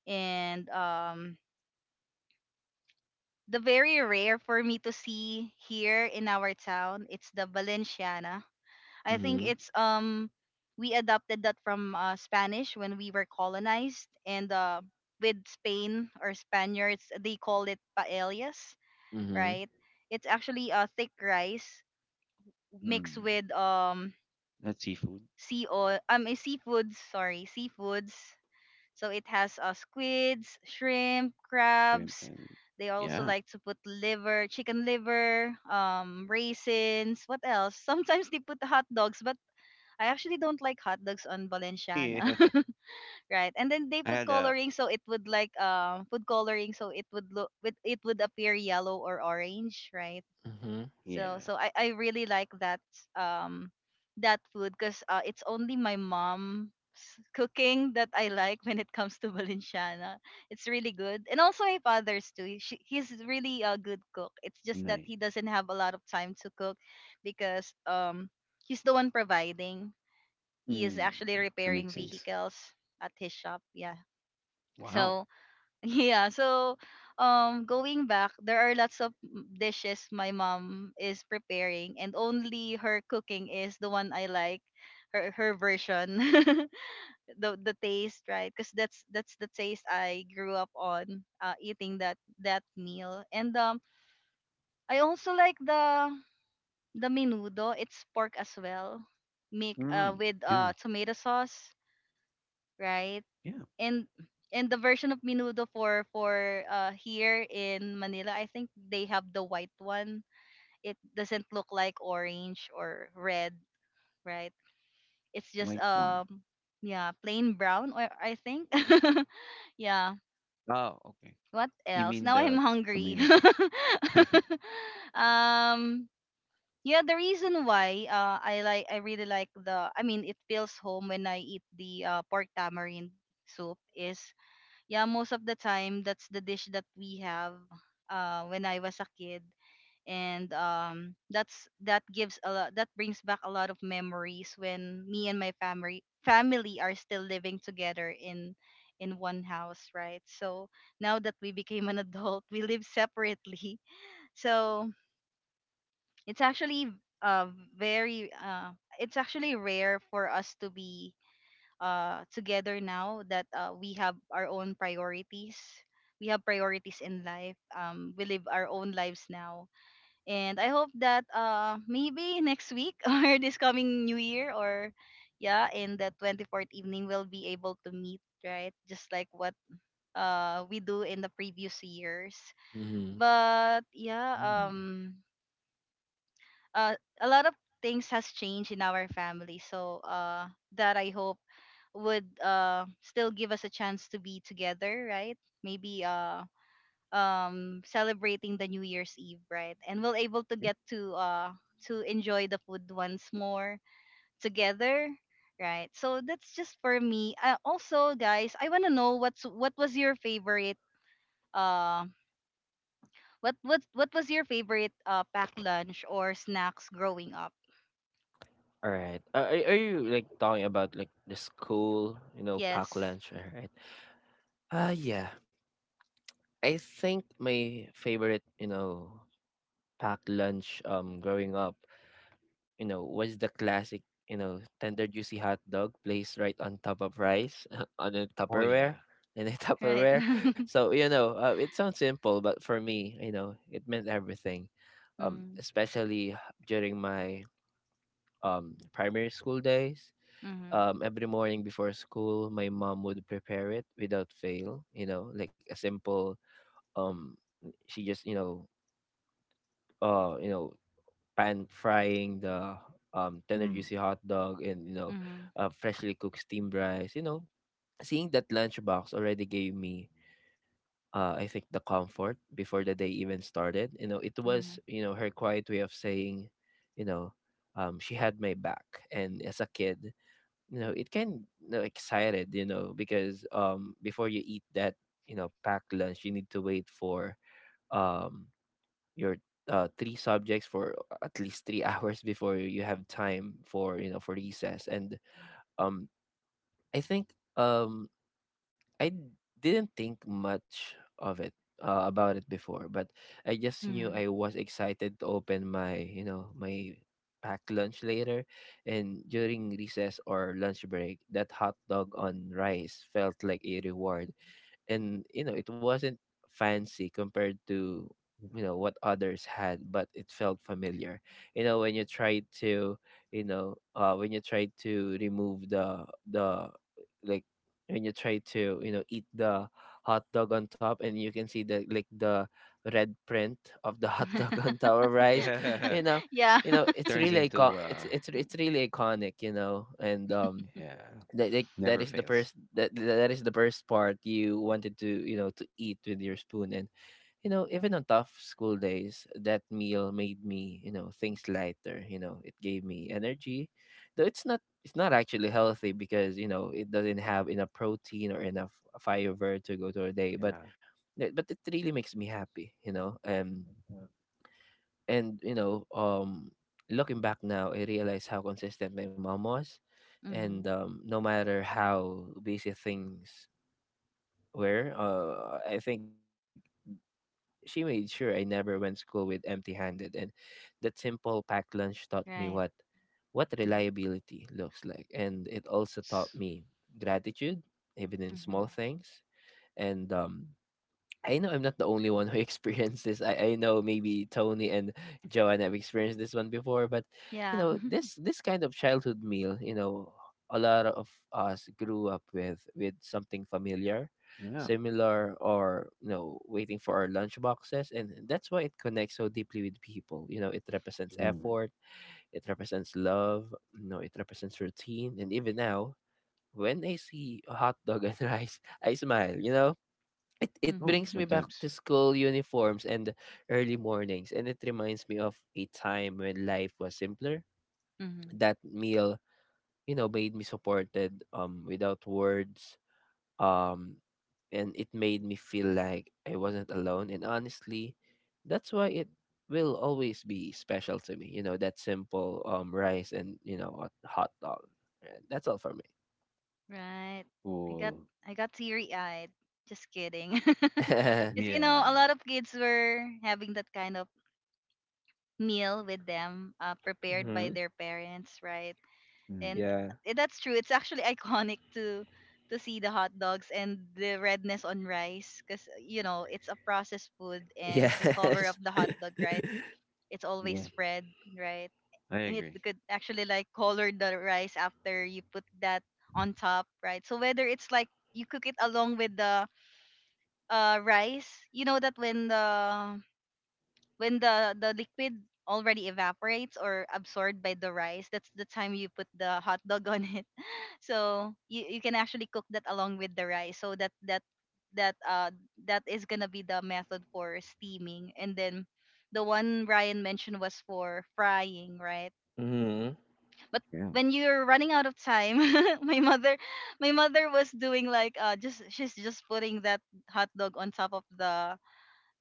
Speaker 1: and the very rare for me to see here in our town. It's the Valenciana. I think
Speaker 3: mm,
Speaker 1: it's we adopted that from Spanish when we were colonized, and with Spain or Spaniards, they call it paellas,
Speaker 3: mm,
Speaker 1: right? It's actually a thick rice mixed with
Speaker 2: That's seafood,
Speaker 1: sea oil, seafoods, sorry, seafoods, so it has squids, shrimp,
Speaker 2: shrimp,
Speaker 1: crabs.
Speaker 2: and
Speaker 1: They also
Speaker 2: yeah.
Speaker 1: like to put liver, chicken liver, raisins. What else? Sometimes they put hot dogs, but I actually don't like hot dogs on Valenciana.
Speaker 2: Yeah.
Speaker 1: Right. And then they
Speaker 2: I
Speaker 1: put
Speaker 2: had a
Speaker 1: coloring so it would like put coloring so it would look with it would appear yellow or orange, right?
Speaker 3: mm,
Speaker 1: so
Speaker 2: yeah,
Speaker 1: so I really like that um that food because it's only my mom's cooking that I like when it comes to Valenciana. It's really good, and also my father's too. She, he's really a good cook. It's just that
Speaker 2: nice.
Speaker 1: he doesn't have a lot of time to cook because he's the one providing. He is
Speaker 2: Mm,
Speaker 1: actually
Speaker 2: that
Speaker 1: repairing
Speaker 2: makes sense.
Speaker 1: vehicles at his shop. Yeah.
Speaker 2: Wow.
Speaker 1: So yeah, so going back, there are lots of dishes my mom is preparing and only her cooking is the one I like, her version. The taste, right? Cuz that's the taste I grew up on eating that meal. And I also like the menudo, it's pork as well, make
Speaker 2: Mm,
Speaker 1: with
Speaker 2: yeah,
Speaker 1: tomato sauce, right?
Speaker 2: yeah.
Speaker 1: and and the version of menudo for here in Manila, I think they have the white one. It doesn't look like orange or red, right? It's just
Speaker 2: White one.
Speaker 1: yeah, plain brown or I think. Yeah.
Speaker 2: Oh, okay.
Speaker 1: What
Speaker 2: You
Speaker 1: else?
Speaker 2: mean
Speaker 1: Now I'm
Speaker 2: the
Speaker 1: hungry.
Speaker 2: tomato sauce?
Speaker 1: um yeah, the reason why I really like the, I mean, it feels home when I eat the pork tamarind soup is, yeah, most of the time that's the dish that we have when I was a kid, and that brings back a lot of memories when me and my family are still living together in one house, right? So now that we became an adult, we live separately. So it's actually uh very it's actually rare for us to be together now that, we have our own priorities. We have priorities in life. We live our own lives now, and I hope that, maybe next week or this coming New Year or, yeah, in the 24th evening, we'll be able to meet, right? Just like what we do in the previous years.
Speaker 3: mm.
Speaker 1: But yeah,
Speaker 2: Mm.
Speaker 1: uh, a lot of things has changed in our family. So that I hope would still give us a chance to be together, right? Maybe celebrating the New Year's Eve, right? And we'll able to get to enjoy the food once more together. Right, so that's just for me. Also, guys, I wanna know what was your favorite uh what was your favorite packed lunch or snacks growing up?
Speaker 3: All right. Are you, like, talking about like the school, pack
Speaker 1: Yes.
Speaker 3: lunch? All right. Yeah. I think my favorite, packed lunch growing up, was the classic, tender juicy hot dog placed right on top of rice on a
Speaker 2: Oh
Speaker 3: Tupperware
Speaker 2: yeah.
Speaker 3: in a
Speaker 1: Right?
Speaker 3: Tupperware.
Speaker 1: Mm-hmm.
Speaker 3: So, it sounds simple, but for me, it meant everything. Especially during my primary school days.
Speaker 1: Mm-hmm.
Speaker 3: Every morning before school, my mom would prepare it without fail, like a simple, um she just uh you know pan frying the tender
Speaker 2: Mm.
Speaker 3: juicy hot dog, and
Speaker 1: Mm-hmm.
Speaker 3: freshly cooked steamed rice. Seeing that lunchbox already gave me I think the comfort before the day even started. It
Speaker 1: Mm-hmm.
Speaker 3: was, her quiet way of saying, you know she had my back. And as a kid, it can, excited, because before you eat that, packed lunch, you need to wait for um your three subjects for at least three hours before you have time for, for recess. And um I think um I didn't think much of it about it before, but I just knew
Speaker 1: Mm-hmm.
Speaker 3: I was excited to open my you know my packed lunch later. And during recess or lunch break, that hot dog on rice felt like a reward. And it wasn't fancy compared to what others had, but it felt familiar. When you try to remove the, like, when you try to eat the hot dog on top, and you can see, the red print of the hot dog on top of rice.
Speaker 2: Yeah.
Speaker 3: you know
Speaker 1: Yeah.
Speaker 3: it's
Speaker 2: Turns
Speaker 3: really
Speaker 2: into
Speaker 3: icon- it's really iconic and
Speaker 2: yeah,
Speaker 3: that like that
Speaker 2: never
Speaker 3: is the
Speaker 2: fails.
Speaker 3: first that that is the first part you wanted to, eat with your spoon. And even on tough school days, that meal made me, things lighter. It gave me energy, though it's not, actually healthy, because it doesn't have enough protein or enough fiber to go through a day, but
Speaker 2: Yeah.
Speaker 3: it really makes me happy.
Speaker 2: Uh,
Speaker 3: And looking back now, I realize how consistent my mom was, and
Speaker 1: Mm-hmm.
Speaker 3: no matter how busy things were, I think she made sure I never went school with empty-handed. And that simple packed lunch taught me what
Speaker 1: Right.
Speaker 3: what reliability looks like, and it also taught
Speaker 2: it's-
Speaker 3: me gratitude, even in small
Speaker 1: Mm-hmm.
Speaker 3: things. And I know I'm not the only one who experienced this. I know maybe Tony and Joanne have experienced this one before, but
Speaker 1: Yeah.
Speaker 3: this kind of childhood meal, a lot of us grew up with something familiar,
Speaker 2: Yeah.
Speaker 3: similar, or waiting for our lunch boxes, and that's why it connects so deeply with people. You know, it represents
Speaker 2: Mm.
Speaker 3: effort, it represents love, you know, it represents routine and even now when I see a hot dog and rice, I smile, you know? It
Speaker 2: Oh,
Speaker 3: brings me
Speaker 2: good
Speaker 1: Mm-hmm.
Speaker 3: back
Speaker 2: times.
Speaker 3: to school uniforms and early mornings, and it reminds me of a time when life was simpler.
Speaker 1: Mm-hmm.
Speaker 3: That meal, you know, made me supported without words um and it made me feel like I wasn't alone, and honestly that's why it will always be special to me. You know, that simple rice and, you know, hot dog, and that's all for me.
Speaker 1: Right. I got
Speaker 2: Cool.
Speaker 1: I got teary eyed. Just kidding. Because, a
Speaker 2: Yeah.
Speaker 1: lot of kids were having that kind of meal with them, prepared by
Speaker 3: Mm-hmm.
Speaker 1: their parents, right?
Speaker 2: Mm.
Speaker 1: And,
Speaker 3: Yeah.
Speaker 1: that's true. It's actually iconic to see the hot dogs and the redness on rice because, it's a processed food and the cover of
Speaker 3: Yes.
Speaker 1: the hot dog, right? It's always
Speaker 2: Yeah.
Speaker 1: red, right?
Speaker 2: I
Speaker 1: It
Speaker 2: agree.
Speaker 1: could actually like color the rice after you put that on top, right? So whether it's like you cook it along with the rice, you know that when the liquid already evaporates or absorbed by the rice, that's the time you put the hot dog on it, so you can actually cook that along with the rice, so that that uh that is gonna be the method for steaming, and then the one Ryan mentioned was for frying, right?
Speaker 3: Mm-hmm.
Speaker 1: But
Speaker 2: Yeah.
Speaker 1: when you're running out of time, my mother my mother was doing like, just she's just putting that hot dog on top of the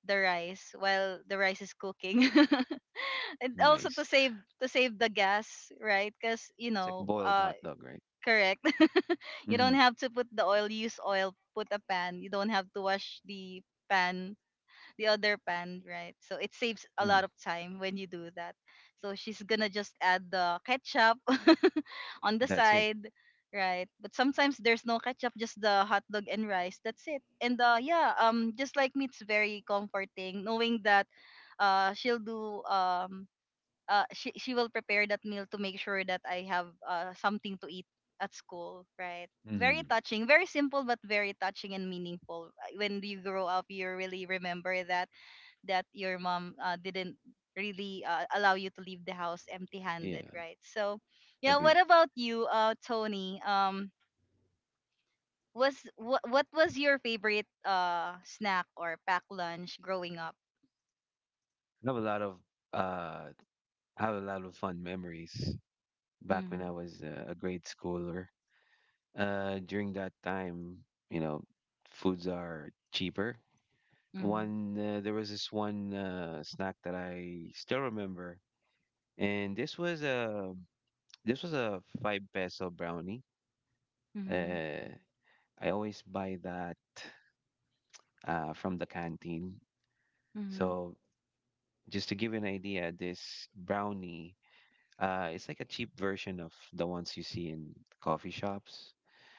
Speaker 1: the rice while the rice is cooking, and also
Speaker 2: Nice.
Speaker 1: to save the gas, right? Because,
Speaker 2: It's like boiled hot dog, right?
Speaker 1: correct. You
Speaker 2: Mm-hmm.
Speaker 1: don't have to put the oil, use oil, put a pan. You don't have to wash the pan, the other pan, right? So it saves a lot of time when you do that. So she's gonna just add the ketchup on the
Speaker 2: That's it.
Speaker 1: side, right? But sometimes there's no ketchup, just the hot dog and rice. That's it. And yeah, just like me, it's very comforting knowing that she'll do she will prepare that meal to make sure that I have something to eat at school, right? Very
Speaker 2: Mhm.
Speaker 1: touching, very simple but very touching and meaningful. When you grow up, you really remember that your mom didn't really allow you to leave the house empty-handed,
Speaker 2: Yeah,
Speaker 1: right? So, yeah, what
Speaker 2: agree.
Speaker 1: about you, Tony? Was what was your favorite snack or pack lunch growing up?
Speaker 2: I have a lot of uh, I have a lot of fun memories back when I
Speaker 1: Mhm.
Speaker 2: was a grade schooler. During that time, you know, foods are cheaper.
Speaker 1: Mhm.
Speaker 2: One there was this one snack that I still remember, and this was a five peso brownie.
Speaker 1: Mhm.
Speaker 2: Uh, I always buy that from the canteen.
Speaker 1: Mhm.
Speaker 2: So just to give you an idea, this brownie it's like a cheap version of the ones you see in coffee shops.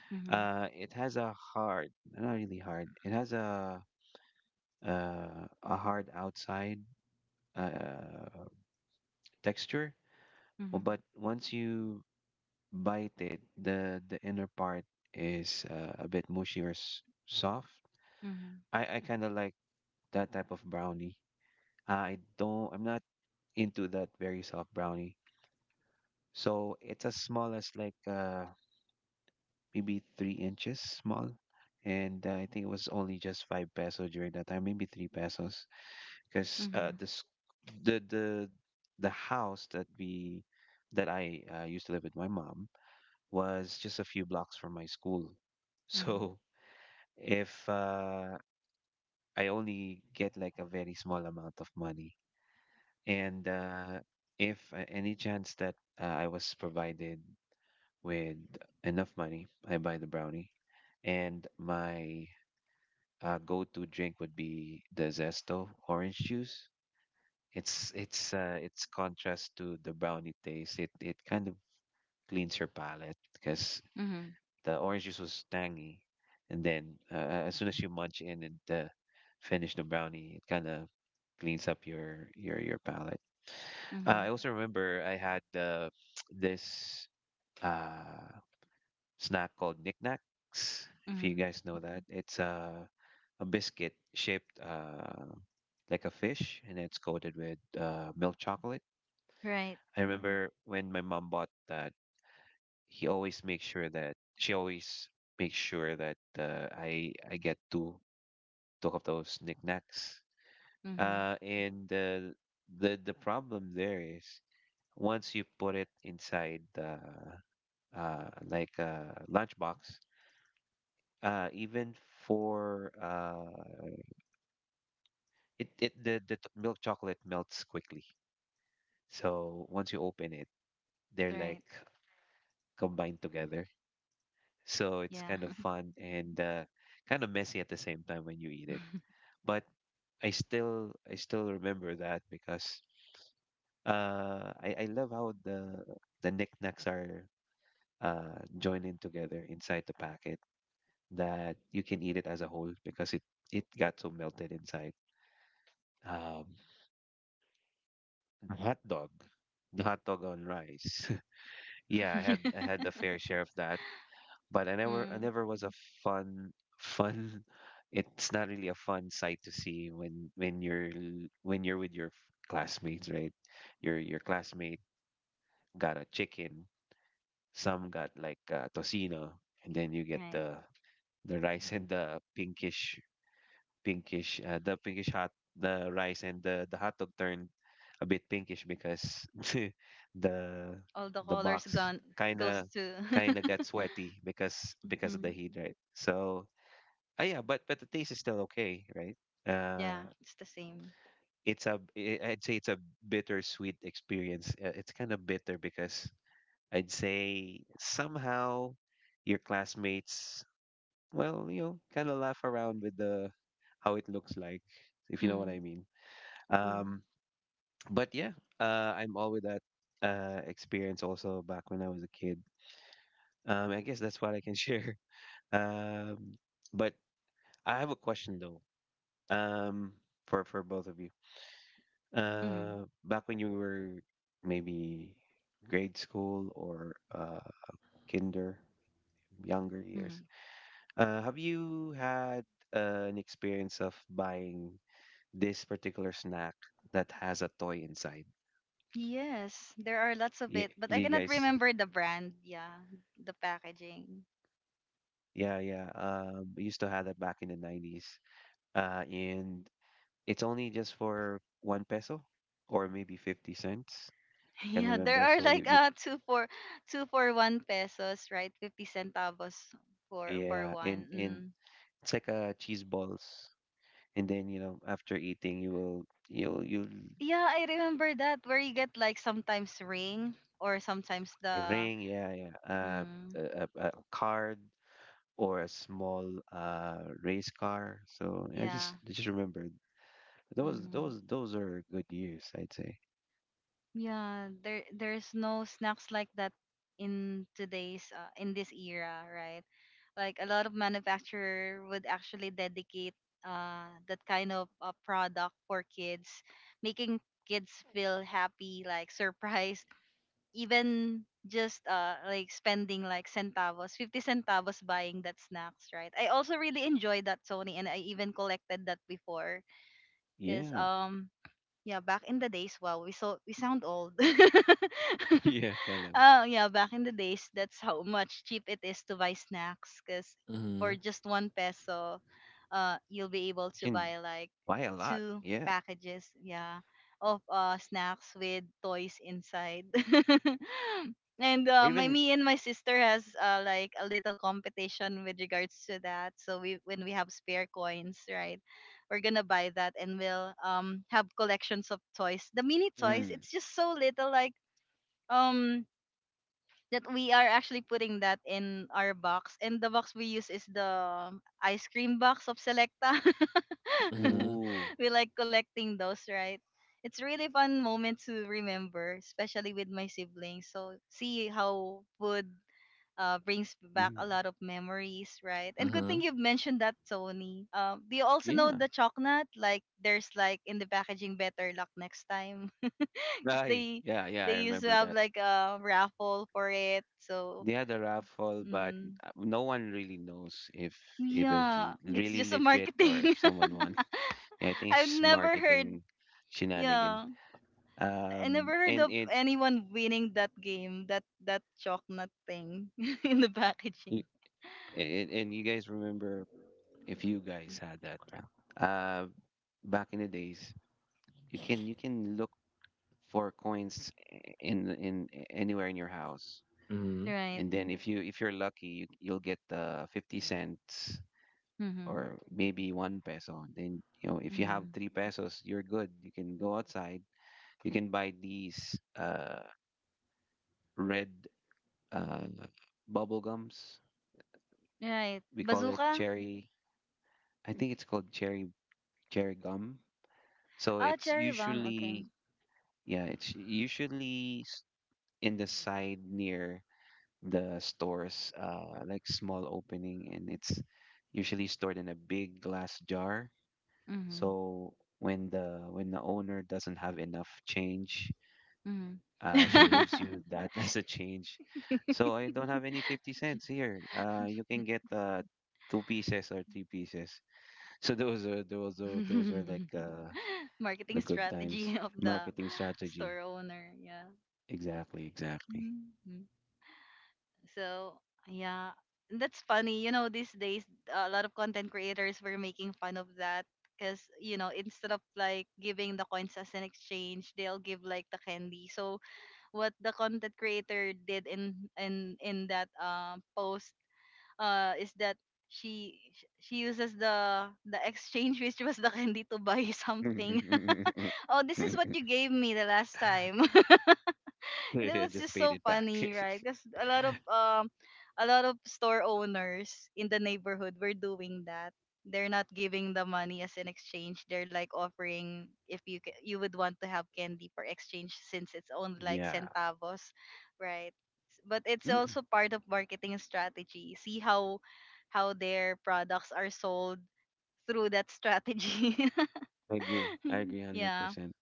Speaker 1: Mhm.
Speaker 2: It has a hard, not really hard. It has a hard outside uh, texture. Well,
Speaker 1: Mhm.
Speaker 2: but once you bite it, the inner part is a bit mushy or s soft.
Speaker 1: Mhm.
Speaker 2: I kind of like that type of brownie. I don't. I'm not into that very soft brownie. So it's as small as like maybe 3 inches small. And I think it was only just five peso during that time, maybe three pesos, because
Speaker 1: Mhm.
Speaker 2: the the the house that we that I used to live with my mom was just a few blocks from my school.
Speaker 1: Mhm.
Speaker 2: So if I only get like a very small amount of money, and if any chance that I was provided with enough money, I buy the brownie, and my go-to drink would be the Zesto orange juice. It's contrast to the brownie taste. It kind of cleans your palate because
Speaker 1: Mhm.
Speaker 2: the orange juice was tangy, and then as soon as you munch in and finish the brownie, it kind of cleans up your your palate. I
Speaker 1: Mhm.
Speaker 2: also remember I had this uh, snack called knickknacks. If you
Speaker 1: Mhm.
Speaker 2: guys know that, it's a biscuit shaped like a fish, and it's coated with milk chocolate.
Speaker 1: Right.
Speaker 2: I remember when my mom bought that, he always makes sure that she always makes sure that I get two of those knickknacks.
Speaker 1: Mhm.
Speaker 2: And the problem there is once you put it inside the like a lunchbox, even for it the t- milk chocolate melts quickly. So once you open it, they're like
Speaker 1: Right.
Speaker 2: combined together. So it's
Speaker 1: Yeah.
Speaker 2: kind of fun and kind of messy at the same time when you eat it. But I still remember that because I love how the knickknacks are joined in together inside the packet that you can eat it as a whole because it got so melted inside. Um, the hot dog, the hot dog on rice. Yeah, I had a fair share of that. But I never I
Speaker 1: Mm.
Speaker 2: never was a fun. It's not really a fun sight to see when when you're with your classmates, right? Your classmate got a chicken, some got like tocino, and then you get
Speaker 1: Right.
Speaker 2: the rice and the pinkish pinkish the pinkish hot the rice and the hot dog turned a bit pinkish because the
Speaker 1: All the
Speaker 2: the
Speaker 1: colors
Speaker 2: box
Speaker 1: gone
Speaker 2: kind
Speaker 1: goes
Speaker 2: of
Speaker 1: to.
Speaker 2: got sweaty because of the
Speaker 1: Mhm.
Speaker 2: heat, right? So ah, yeah, but the taste is still okay, right? Uh,
Speaker 1: Yeah, it's the same.
Speaker 2: it's I'd say it's a bittersweet experience. It's kind of bitter because I'd say somehow your classmates, well, you know, kind of laugh around with the how it looks like, if you know what
Speaker 1: Mhm.
Speaker 2: I mean.
Speaker 1: Mm.
Speaker 2: Um, but yeah, I'm all with that experience also back when I was a kid. I guess that's what I can share. Um, but I have a question though. Um, for both of you.
Speaker 1: Mhm.
Speaker 2: Back when you were maybe grade school or kinder, younger years,
Speaker 1: Mhm.
Speaker 2: have you had an experience of buying this particular snack that has a toy inside?
Speaker 1: Yes, there are lots of
Speaker 2: Yeah,
Speaker 1: it, but
Speaker 2: do
Speaker 1: I
Speaker 2: you
Speaker 1: cannot
Speaker 2: guys?
Speaker 1: remember the brand. Yeah, the packaging.
Speaker 2: Yeah, yeah. We used to have that back in the 90s. And it's only just for one peso or maybe 50 cents. I can
Speaker 1: Yeah, there
Speaker 2: remember.
Speaker 1: are
Speaker 2: So
Speaker 1: like two for 1 peso, right? 50 centavos for
Speaker 2: yeah,
Speaker 1: one.
Speaker 2: and
Speaker 1: Mm.
Speaker 2: it's like a cheese balls. And then you know after eating you'll
Speaker 1: Yeah, I remember that where you get like sometimes ring or sometimes
Speaker 2: a
Speaker 1: the
Speaker 2: ring, yeah, yeah. Uh,
Speaker 1: mm,
Speaker 2: a card or a small uh race car. So
Speaker 1: yeah.
Speaker 2: I just remembered those
Speaker 1: hmm
Speaker 2: are good years, I'd say.
Speaker 1: Yeah, there's no snacks like that in today's in this era, right? Like a lot of manufacturer would actually dedicate that kind of product for kids, making kids feel happy, like surprised even just like spending like centavos, 50 centavos buying that snacks, right? I also really enjoyed that, Sony, and I even collected that before, cuz
Speaker 2: Yeah.
Speaker 1: yeah, back in the days, wow, we sound old.
Speaker 2: Yeah, kind of.
Speaker 1: Oh yeah, back in the days, that's how much cheap it is to buy snacks. Cause for
Speaker 3: Mm-hmm.
Speaker 1: just 1 peso, you'll be able
Speaker 2: You
Speaker 1: to
Speaker 2: can
Speaker 1: buy like
Speaker 2: buy a lot,
Speaker 1: two
Speaker 2: yeah.
Speaker 1: packages, yeah, of snacks with toys inside. And my
Speaker 2: Even
Speaker 1: me and my sister has like a little competition with regards to that. So we when we have spare coins, right, we're gonna buy that, and we'll have collections of toys. The mini toys,
Speaker 2: mm,
Speaker 1: it's just so little, like um that we are actually putting that in our box, and the box we use is the ice cream box of Selecta.
Speaker 3: Mm-hmm.
Speaker 2: ooh.
Speaker 1: We like collecting those, right? It's really fun moment to remember, especially with my siblings. So see how food brings back
Speaker 2: Mm,
Speaker 1: a lot of memories, right? And good thing
Speaker 3: Mhm.
Speaker 1: you've mentioned that, Tony. Do you also know
Speaker 2: yeah.
Speaker 1: the chocolate, like there's like in the packaging, better luck next time? 'Cause they
Speaker 2: Yeah, I
Speaker 1: they used to
Speaker 2: remember
Speaker 1: have
Speaker 2: that.
Speaker 1: like a raffle for it. So
Speaker 2: They had a raffle, but
Speaker 1: mm,
Speaker 2: no one really knows if it was
Speaker 1: yeah, it's
Speaker 2: really
Speaker 1: just a
Speaker 2: legit or
Speaker 1: marketing.
Speaker 2: if someone won. I think it's
Speaker 1: I've
Speaker 2: just
Speaker 1: never heard.
Speaker 2: marketing shenanigan.
Speaker 1: Yeah, I never
Speaker 2: Um,
Speaker 1: heard
Speaker 2: and
Speaker 1: of
Speaker 2: it,
Speaker 1: anyone winning that game. That chocolate thing in the packaging.
Speaker 2: y- and, you guys remember if you guys had that, pal, uh, back in the days, you can look for coins in anywhere in your house,
Speaker 3: Mhm.
Speaker 1: Right.
Speaker 2: and then if you if you're lucky, you'll get the 50 cents
Speaker 1: Mhm.
Speaker 2: or maybe one peso. Then you know if you have
Speaker 1: Mhm.
Speaker 2: three pesos, you're good. You can go outside. You can buy these red uh, bubble gums.
Speaker 1: Right.
Speaker 2: We call it
Speaker 1: Bazooka.
Speaker 2: cherry. I think it's called cherry gum. So
Speaker 1: Ah,
Speaker 2: it's
Speaker 1: cherry bomb. Okay.
Speaker 2: usually yeah, it's usually in the side near the stores, like small opening, and it's usually stored in a big glass jar.
Speaker 1: Mhm.
Speaker 2: So when the owner doesn't have enough change, she
Speaker 1: Mhm.
Speaker 3: Mhm.
Speaker 2: gives you that as a change. So I don't have any 50 cents here. You can get two pieces or three pieces. So those are those were like
Speaker 1: Marketing
Speaker 2: the good times.
Speaker 1: strategy of the
Speaker 2: Marketing strategy.
Speaker 1: store owner. Yeah.
Speaker 2: Exactly, exactly.
Speaker 1: Mhm. So yeah, that's funny. You know, these days a lot of content creators were making fun of that because you know instead of like giving the coins as an exchange, they'll give like the candy. So what the content creator did in that post is that she uses the exchange, which was the candy, to buy something. Oh, this is what you gave me the last time. And it
Speaker 2: I
Speaker 1: was
Speaker 2: just
Speaker 1: just
Speaker 2: paid
Speaker 1: so
Speaker 2: it back.
Speaker 1: funny, right? Because a lot of store owners in the neighborhood were doing that. They're not giving the money as an exchange. They're like offering if you you would want to have candy for exchange since it's only like
Speaker 2: Yeah.
Speaker 1: centavos, right? But it's
Speaker 2: Mm,
Speaker 1: also part of marketing strategy. See how their products are sold through that strategy.
Speaker 2: I agree. I agree
Speaker 1: Yeah.
Speaker 2: 100%.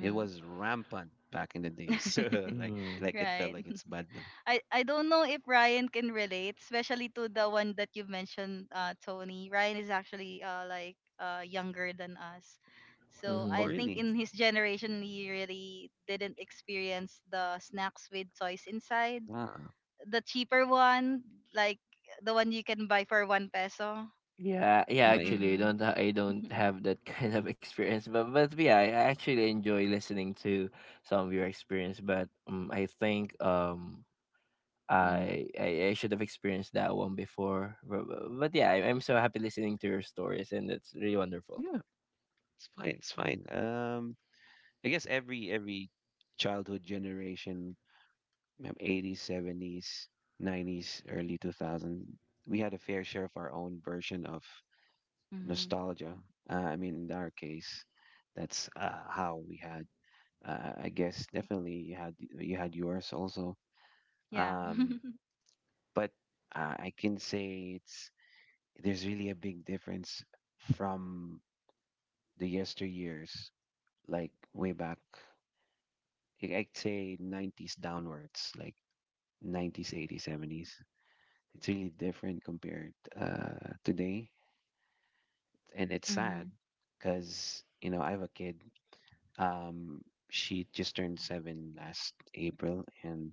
Speaker 2: It was rampant back in the day. So like
Speaker 3: Mm.
Speaker 2: it felt
Speaker 1: Right.
Speaker 2: like it's bad now.
Speaker 1: I don't know if Ryan can relate, especially to the one that you mentioned, Tony. Ryan is actually like younger than us, so
Speaker 2: Oh
Speaker 3: Mhm.
Speaker 1: I think
Speaker 2: really?
Speaker 1: in his generation he really didn't experience the snacks with toys inside,
Speaker 2: Wow.
Speaker 1: the cheaper one, like the one you can buy for one peso.
Speaker 3: Yeah, yeah,
Speaker 2: Yeah,
Speaker 3: actually, I
Speaker 1: Mm.
Speaker 3: don't I don't have that kind of experience, but yeah, I actually enjoy listening to some of your experience. But I think um
Speaker 1: Mm-hmm.
Speaker 3: I, I I should have experienced that one before. But yeah, I, I'm so happy listening to your stories, and it's really wonderful.
Speaker 2: yeah, it's fine, it's fine. Um, I guess every childhood generation, 80s, 70s, 90s, early 2000, we had a fair share of our own version of
Speaker 1: Mm-hmm.
Speaker 2: nostalgia. I mean, in our case, that's how we had. I guess definitely you had yours also.
Speaker 1: Yeah.
Speaker 2: Um, but I can say it's there's really a big difference from the yesteryears, like way back. I'd say 90s downwards, like 90s, 80s, 70s. It's really different compared today, and it's sad
Speaker 1: Mm-hmm.
Speaker 2: because you know I have a kid. Um, she just turned 7 last April, and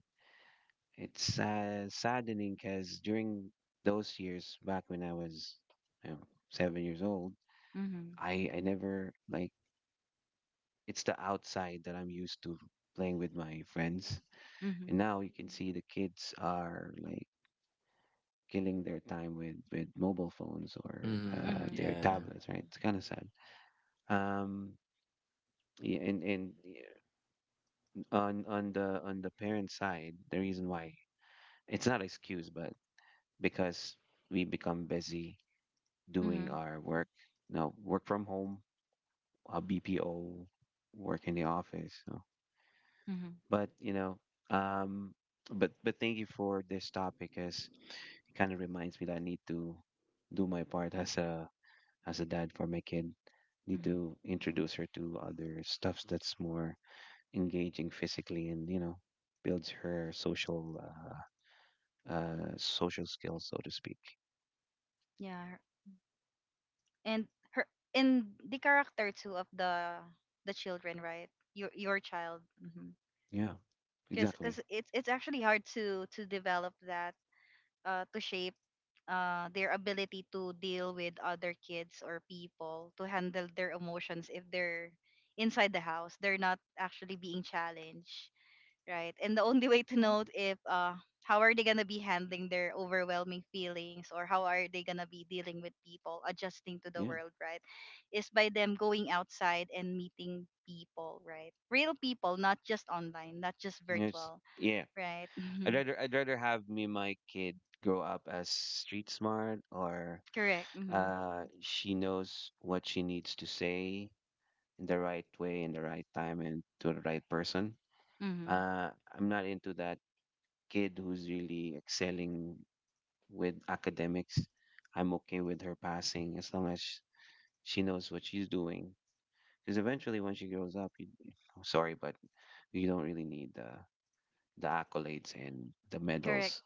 Speaker 2: it's saddening because during those years, back when I was you know, 7 years old,
Speaker 1: Mm-hmm.
Speaker 2: I never like it's the outside that I'm used to, playing with my friends. And
Speaker 1: Mm-hmm.
Speaker 2: now you can see the kids are like killing their time with mobile phones or
Speaker 3: Mhm.
Speaker 1: Mm-hmm.
Speaker 2: their
Speaker 3: Yeah.
Speaker 2: tablets, right? It's kind of sad. Um, yeah, and yeah, on the parent side, the reason why it's not excuse, but because we become busy doing
Speaker 1: Mm-hmm.
Speaker 2: our work. Now, work from home, a BPO, work in the office. So but um but thank you for this topic as it kind of reminds me that I need to do my part as a dad for my kid. Need
Speaker 1: Mm-hmm.
Speaker 2: to introduce her to other stuffs that's more engaging physically and builds her social social skills, so to speak.
Speaker 1: Yeah. And her and the character too of the children, right? Your child.
Speaker 2: Yeah,
Speaker 1: Because
Speaker 2: exactly.
Speaker 1: it's actually hard to develop that, to shape their ability to deal with other kids or people, to handle their emotions. If they're inside the house, they're not actually being challenged, right? And the only way to know if how are they gonna be handling their overwhelming feelings, or how are they gonna be dealing with people, adjusting to the
Speaker 2: Yeah.
Speaker 1: world, right? Is by them going outside and meeting people, right? Real people, not just online, not just
Speaker 2: Yes.
Speaker 1: virtual,
Speaker 2: Yeah,
Speaker 1: right?
Speaker 2: i'd
Speaker 1: Mhm.
Speaker 2: rather i'd rather have me my kid grow up as street smart. Or
Speaker 1: Correct. Hmm.
Speaker 2: uh, she knows what she needs to say in the right way, in the right time, and to the right person.
Speaker 1: Hmm.
Speaker 2: Uh, I'm not into that kid who's really excelling with academics. I'm okay with her passing as long as she knows what she's doing. Because eventually, when she grows up, I'm sorry, but you don't really need the accolades and the
Speaker 1: Correct.
Speaker 2: medals,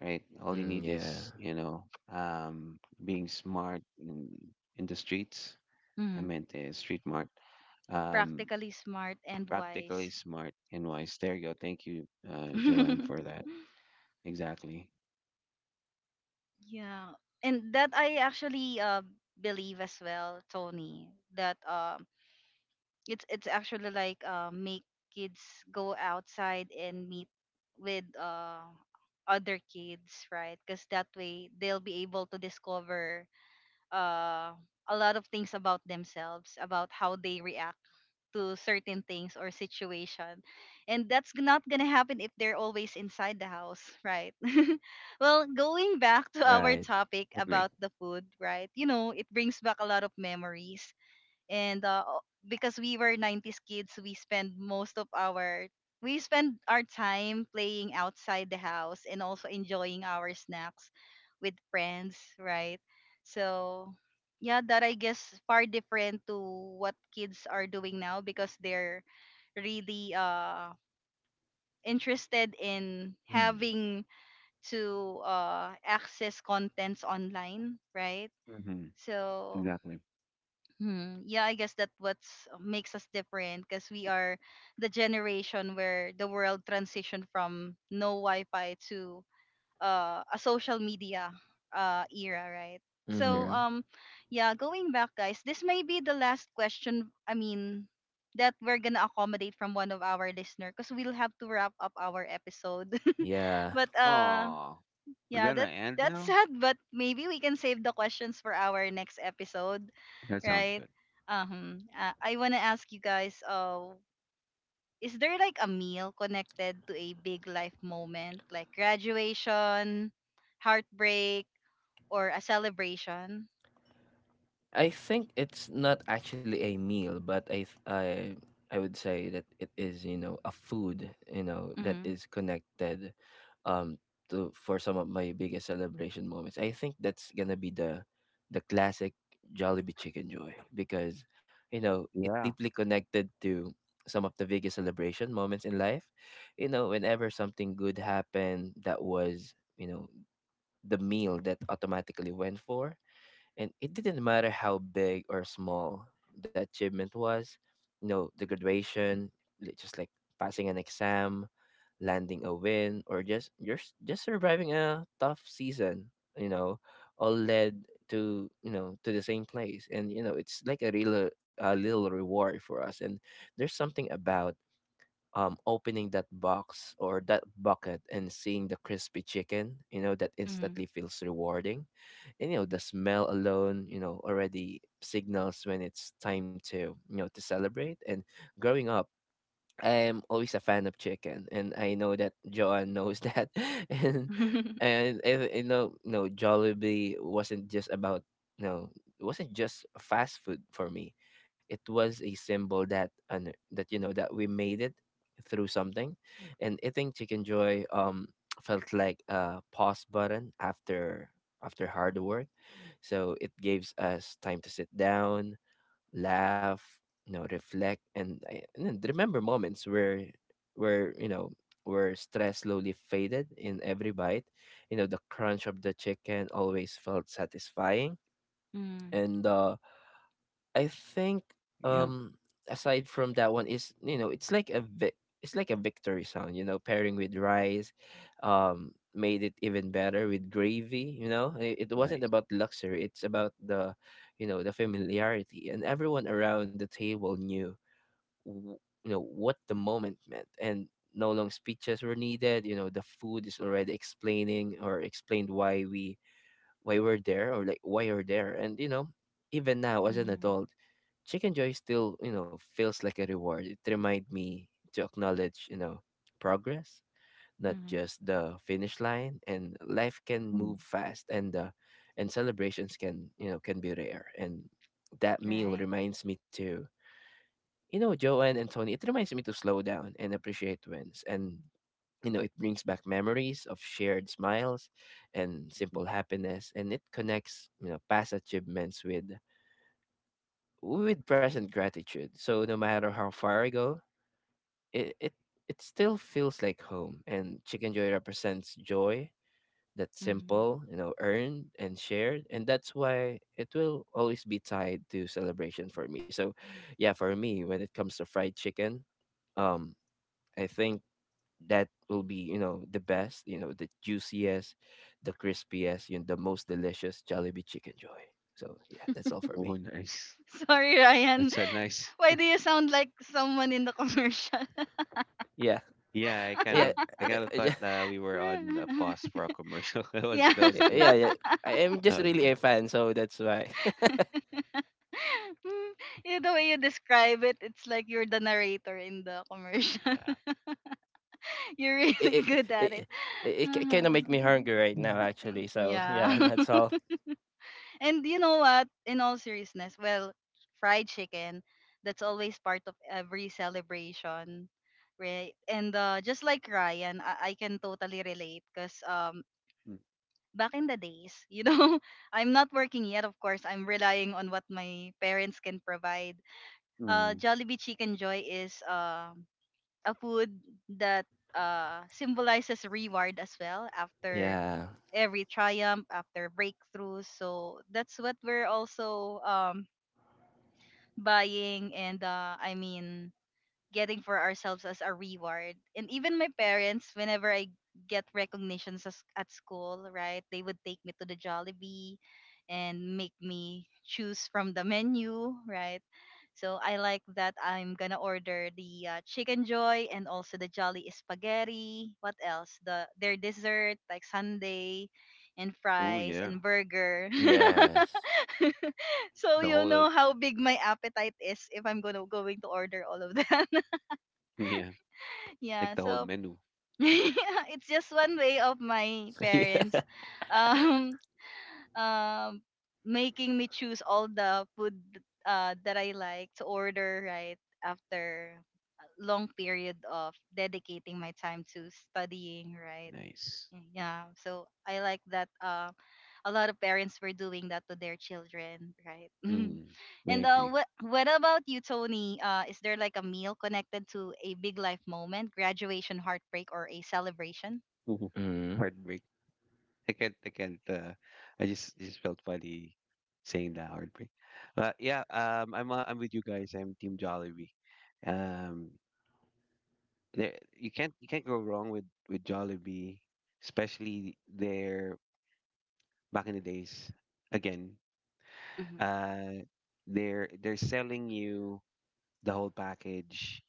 Speaker 2: right? All you
Speaker 3: Mhm.
Speaker 2: need
Speaker 3: Yeah.
Speaker 2: is, um, being smart in the streets. I
Speaker 1: Hmm.
Speaker 2: meant street mart. Um,
Speaker 1: Practically smart and
Speaker 2: practically
Speaker 1: wise.
Speaker 2: smart and wise. There you go. Thank you, Joanne, for that. Exactly.
Speaker 1: Yeah. And that I actually believe as well, Tony, that it's actually like, make kids go outside and meet with, other kids, right? Because that way they'll be able to discover uh, a lot of things about themselves, about how they react to certain things or situation, and that's not gonna happen if they're always inside the house, right? Well, going back to our
Speaker 3: Right.
Speaker 1: topic
Speaker 2: Agree.
Speaker 1: about the food, right, you know it brings back a lot of memories. And because we were 90s kids, we spend our time playing outside the house and also enjoying our snacks with friends, right? So yeah, that I guess far different to what kids are doing now, because they're really interested in having to access contents online, right?
Speaker 2: Mm-hmm.
Speaker 1: So.
Speaker 2: Exactly.
Speaker 1: Hmm. Yeah, I guess that what's, makes us different, because we are the generation where the world transitioned from no Wi-Fi to, a social media, era, right? So
Speaker 2: Yeah.
Speaker 3: Mhm.
Speaker 1: yeah, going back, guys, this may be the last question. I mean, that we're gonna accommodate from one of our listener, because we'll have to wrap up our episode.
Speaker 3: Yeah.
Speaker 1: But
Speaker 2: Oh, we're
Speaker 1: yeah,
Speaker 2: gonna
Speaker 1: that's
Speaker 2: end
Speaker 1: that's
Speaker 2: now.
Speaker 1: sad, but maybe we can save the questions for our next episode,
Speaker 2: That sounds
Speaker 1: right?
Speaker 2: good.
Speaker 1: I wanna ask you guys, is there like a meal connected to a big life moment, like graduation, heartbreak, or a celebration?
Speaker 3: I think it's not actually a meal, but I I would say that it is, you know, a food, you know, that
Speaker 1: Mm-hmm.
Speaker 3: is connected um to for some of my biggest celebration moments. I think that's gonna be the classic Jollibee Chicken Joy because, you know, it
Speaker 2: Yeah.
Speaker 3: deeply connected to some of the biggest celebration moments in life. You know, whenever something good happened, that was, you know, the meal that automatically went for. And it didn't matter how big or small the achievement was, you know, the graduation, just like passing an exam, landing a win, or just just surviving a tough season, you know, all led to, you know, to the same place. And, you know, it's like a real a little reward for us. And there's something about opening that box or that bucket and seeing the crispy chicken, you know, that
Speaker 1: Mm-hmm.
Speaker 3: instantly feels rewarding. And, you know, the smell alone, you know, already signals when it's time to, you know, to celebrate. And growing up, I am always a fan of chicken, and I know that Joanne knows that. and and if, you know, no, Jollibee wasn't just about no, it wasn't just fast food for me. It was a symbol that and that, you know, that we made it through something. And eating chicken joy felt like a pause button after after hard work. So it gives us time to sit down, laugh, you know, reflect, and and then remember moments where, you know, where stress slowly faded in every bite. You know, the crunch of the chicken always felt satisfying, and the, I think
Speaker 2: Yeah.
Speaker 3: um aside from that one is, you know, it's it's like a victory sound, you know, pairing with rice, made it even better with gravy. You know, it wasn't
Speaker 2: Nice.
Speaker 3: about luxury, it's about the, you know, the familiarity. And everyone around the table knew w- you know what the moment meant. And no long speeches were needed, you know, the food is already explaining or explained why we're there or like why you're there. And, you know, even now as an
Speaker 1: Mm-hmm.
Speaker 3: adult, chicken joy still, you know, feels like a reward. It reminds me to acknowledge, you know, progress, not
Speaker 1: Mm-hmm.
Speaker 3: just the finish line. And life can
Speaker 2: Mm.
Speaker 3: move fast, and celebrations can, you know, can be rare. And that meal
Speaker 1: Right.
Speaker 3: reminds me to, you know, Joanne and Tony, it reminds me to slow down and appreciate wins. And, you know, it brings back memories of shared smiles and simple happiness. And it connects, you know, past achievements with present gratitude. So no matter how far I go, it, it it still feels like home. And chicken joy represents joy that's
Speaker 1: Mm-hmm.
Speaker 3: simple, you know, earned and shared. And that's why it will always be tied to celebration for me. So yeah, for me, when it comes to fried chicken, um I think that will be, you know, the best, you know, the juiciest, the crispiest, you know, the most delicious Jollibee Chicken Joy. So yeah, that's all for
Speaker 2: Oh,
Speaker 3: me.
Speaker 2: nice.
Speaker 1: Sorry, Ryan.
Speaker 2: That's a nice.
Speaker 1: Why do you sound like someone in the commercial?
Speaker 3: Yeah,
Speaker 2: Yeah, I kind
Speaker 3: yeah,
Speaker 2: of, I
Speaker 3: uh,
Speaker 2: kind of thought
Speaker 3: yeah,
Speaker 2: we were on a pause for a commercial. that was,
Speaker 1: Yeah.
Speaker 2: that was good.
Speaker 3: yeah, yeah. I am just
Speaker 2: That was
Speaker 3: really a
Speaker 2: good.
Speaker 3: fan, so that's why.
Speaker 1: Mm, you, the way you describe it, it's like you're the narrator in the commercial.
Speaker 2: Yeah.
Speaker 1: You're
Speaker 3: it
Speaker 1: really
Speaker 3: it
Speaker 1: good at it.
Speaker 3: it, it kind of
Speaker 1: Uh-huh.
Speaker 3: make me hungry right now,
Speaker 2: Mm.
Speaker 1: Mm.
Speaker 3: actually. So
Speaker 1: Yeah.
Speaker 3: yeah, that's all.
Speaker 1: And you know what? In all seriousness, well, fried chicken, that's always part of every celebration, right? And just like Ryan, I can totally relate, because back in the days, you know, I'm not working yet, of course. I'm relying on what my parents can provide.
Speaker 2: Mm.
Speaker 1: Jollibee Chicken Joy is a food that symbolizes reward as well after
Speaker 3: Yeah.
Speaker 1: every triumph, after breakthroughs. So that's what we're also buying, and I mean getting for ourselves as a reward. And even my parents, whenever I get recognitions as, at school, right, they would take me to the Jollibee and make me choose from the menu, right? So I like that I'm gonna order the chicken joy, and also the jolly spaghetti. What else? The their dessert, like sundae, and
Speaker 2: Oh
Speaker 1: fries
Speaker 2: yeah.
Speaker 1: and burger.
Speaker 3: Yes.
Speaker 1: So
Speaker 2: The
Speaker 1: you
Speaker 2: whole,
Speaker 1: know how big my appetite is if I'm gonna going to order all of that.
Speaker 2: yeah.
Speaker 1: Yeah.
Speaker 2: Like the whole
Speaker 1: So
Speaker 2: menu.
Speaker 1: it's just one way of my
Speaker 3: Yeah.
Speaker 1: parents um um making me choose all the food that I like to order, right, after a long period of dedicating my time to studying, right?
Speaker 2: Nice.
Speaker 1: Yeah, so I like that, a lot of parents were doing that to their children, right?
Speaker 2: Mm, I
Speaker 1: And
Speaker 2: agree.
Speaker 1: what about you, Tony? Is there like a meal connected to a big life moment, graduation, heartbreak, or a celebration?
Speaker 3: Mm-hmm.
Speaker 2: Heartbreak. I can't, I can't, I just felt funny saying that heartbreak. But yeah, I'm with you guys. I'm Team Jollibee. Um, there, you can't go wrong with Jollibee, especially their, back in the days, again,
Speaker 1: Mhm,
Speaker 2: uh, they're selling you the whole package,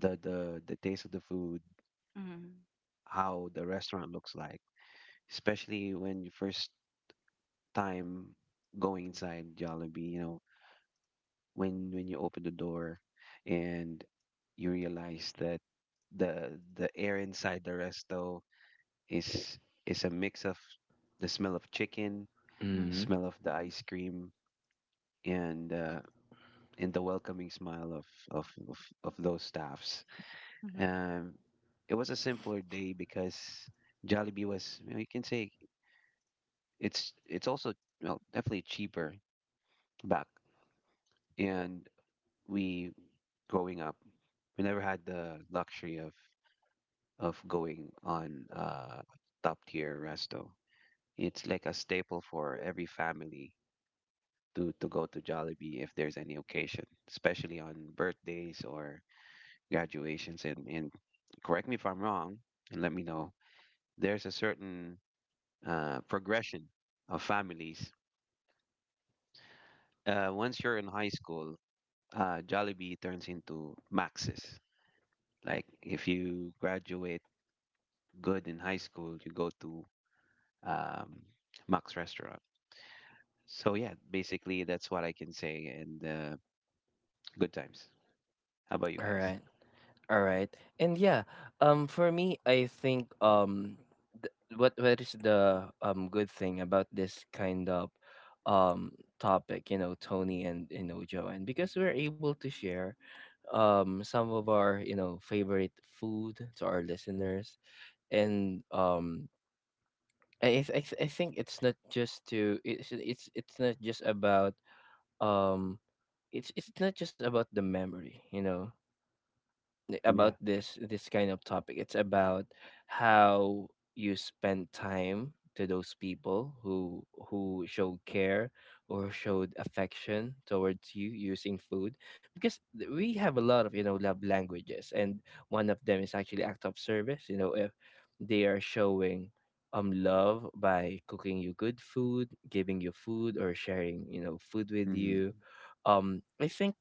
Speaker 2: the taste of the food,
Speaker 1: mhm,
Speaker 2: how the restaurant looks like, especially when you first time going inside Jollibee, you know, when you open the door and you realize that the air inside the resto is is a mix of the smell of chicken,
Speaker 3: Mm-hmm.
Speaker 1: mhm,
Speaker 2: smell of the ice cream, and uh, and the welcoming smile of of of, of those staffs.
Speaker 1: mhm,
Speaker 2: Um, it was a simpler day because Jollibee was, you know, you can say it's also, well, definitely cheaper back. And we, growing up, we never had the luxury of going on top tier resto. It's like a staple for every family to go to Jollibee if there's any occasion, especially on birthdays or graduations. And correct me if I'm wrong and let me know, there's a certain progression of families. Uh, once you're in high school, uh, Jollibee turns into Max's. Like if you graduate good in high school, you go to um, Max Restaurant. So yeah, basically that's what I can say. And good times. How about you
Speaker 3: All
Speaker 2: guys?
Speaker 3: right. All right. And yeah, for me I think what is the good thing about this kind of topic, you know, Tony, and, you know, Joanne, because we're able to share some of our, you know, favorite food to our listeners. And I think it's not just to it's not just about um it's not just about the memory, you know, about
Speaker 2: Yeah.
Speaker 3: this this kind of topic. It's about how you spend time to those people who showed care or showed affection towards you using food, because we have a lot of, you know, love languages, and one of them is actually act of service. You know, if they are showing love by cooking you good food, giving you food, or sharing, you know, food with
Speaker 2: Hmm.
Speaker 3: you, I think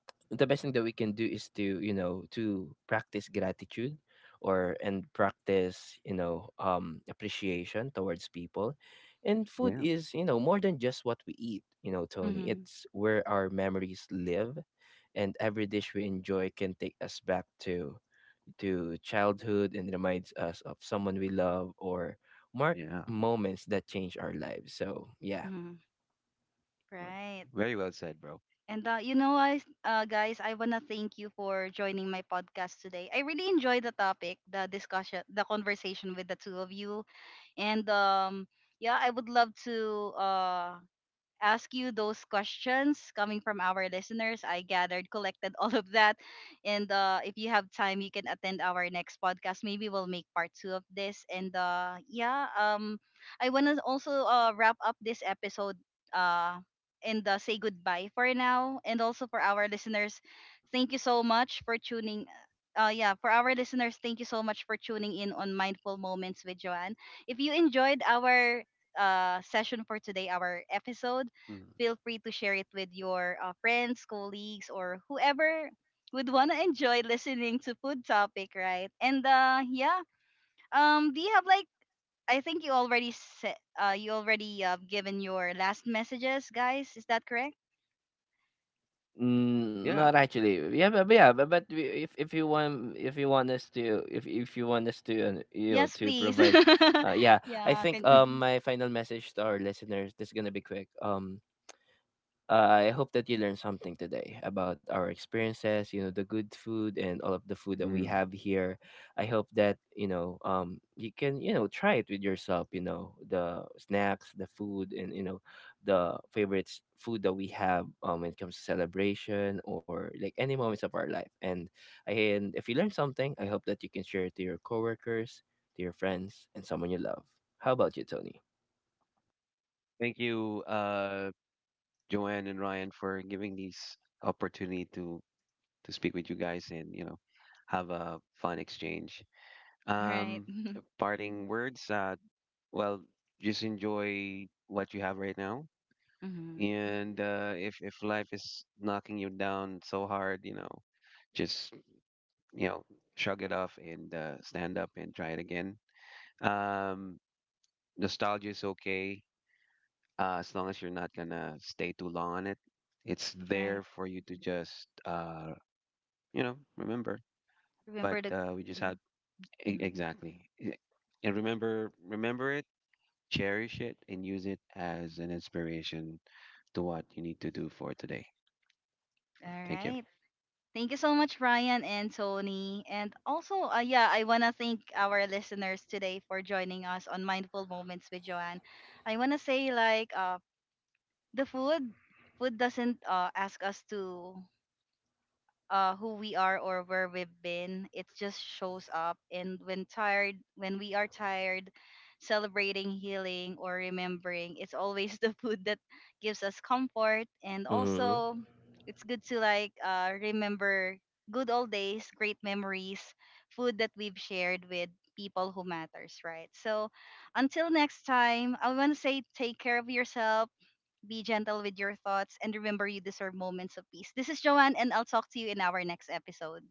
Speaker 3: the best thing that we can do is to, you know, to practice gratitude or and practice, you know, appreciation towards people. And food
Speaker 2: Yeah.
Speaker 3: is, you know, more than just what we eat, you know, Tony,
Speaker 1: mhm,
Speaker 3: it's where our memories live. And every dish we enjoy can take us back to childhood and reminds us of someone we love or mark
Speaker 2: Yeah.
Speaker 3: moments that change our lives. So yeah.
Speaker 1: mhm.
Speaker 2: Well,
Speaker 1: Right.
Speaker 2: very well said, bro.
Speaker 1: And you know what, guys, I wanna thank you for joining my podcast today. I really enjoyed the topic, the discussion, the conversation with the two of you, and yeah, I would love to ask you those questions coming from our listeners. I gathered, collected all of that. And if you have time, you can attend our next podcast. Maybe we'll make part two of this. And I want to also wrap up this episode uh, and say goodbye for now. And also for our listeners, thank you so much for tuning. Yeah, for our listeners, thank you so much for tuning in on Mindful Moments with Joanne. If you enjoyed our session for today, our episode,
Speaker 2: Mhm.
Speaker 1: feel free to share it with your friends, colleagues, or whoever would want to enjoy listening to food topic, right? And do you have like, I think you already said you already given your last messages, guys. Is that correct?
Speaker 3: Mm,
Speaker 2: Yeah.
Speaker 3: not actually. Yeah, but yeah, but, if you want us to if you want us to you know
Speaker 1: Yes,
Speaker 3: to
Speaker 1: please.
Speaker 3: provide, yeah, I
Speaker 1: Yeah.
Speaker 3: think
Speaker 1: Can.
Speaker 3: my final message to our listeners, this is gonna be quick. I hope that you learned something today about our experiences, you know, the good food and all of the food that we
Speaker 2: Mhm.
Speaker 3: have here. I hope that, you know, you can, you know, try it with yourself, you know, the snacks, the food, and, you know, the food that we have, when it comes to celebration or like any moments of our life. And if you learned something, I hope that you can share it to your coworkers, to your friends, and someone you love. How about you, Tony?
Speaker 2: Thank you, Joanne and Ryan, for giving these opportunity to speak with you guys and you know have a fun exchange.
Speaker 1: Right.
Speaker 2: Um, parting words. Well, just enjoy what you have right now.
Speaker 1: Mhm.
Speaker 2: And if life is knocking you down so hard, you know, just you know, shrug it off and stand up and try it again. Um, nostalgia is okay, as long as you're not gonna stay too long on it. It's
Speaker 1: Right.
Speaker 2: there for you to just you know, remember, but
Speaker 1: Remember the.
Speaker 2: we just had e-
Speaker 1: Mhm.
Speaker 2: exactly E- and remember it, cherish it, and use it as an inspiration to what you need to do for today.
Speaker 1: All
Speaker 2: Thank you.
Speaker 1: right. Thank you so much, Ryan and Tony. And also, yeah, I want to thank our listeners today for joining us on Mindful Moments with Joanne. I want to say, like, the food, food doesn't ask us to who we are or where we've been. It just shows up. And when tired, when we are tired, celebrating, healing, or remembering, it's always the food that gives us comfort. And
Speaker 3: Mm-hmm.
Speaker 1: also, it's good to like remember good old days, great memories, food that we've shared with people who matters, right? So until next time, I want to say take care of yourself, be gentle with your thoughts, and remember you deserve moments of peace. This is Joanne, and I'll talk to you in our next episode.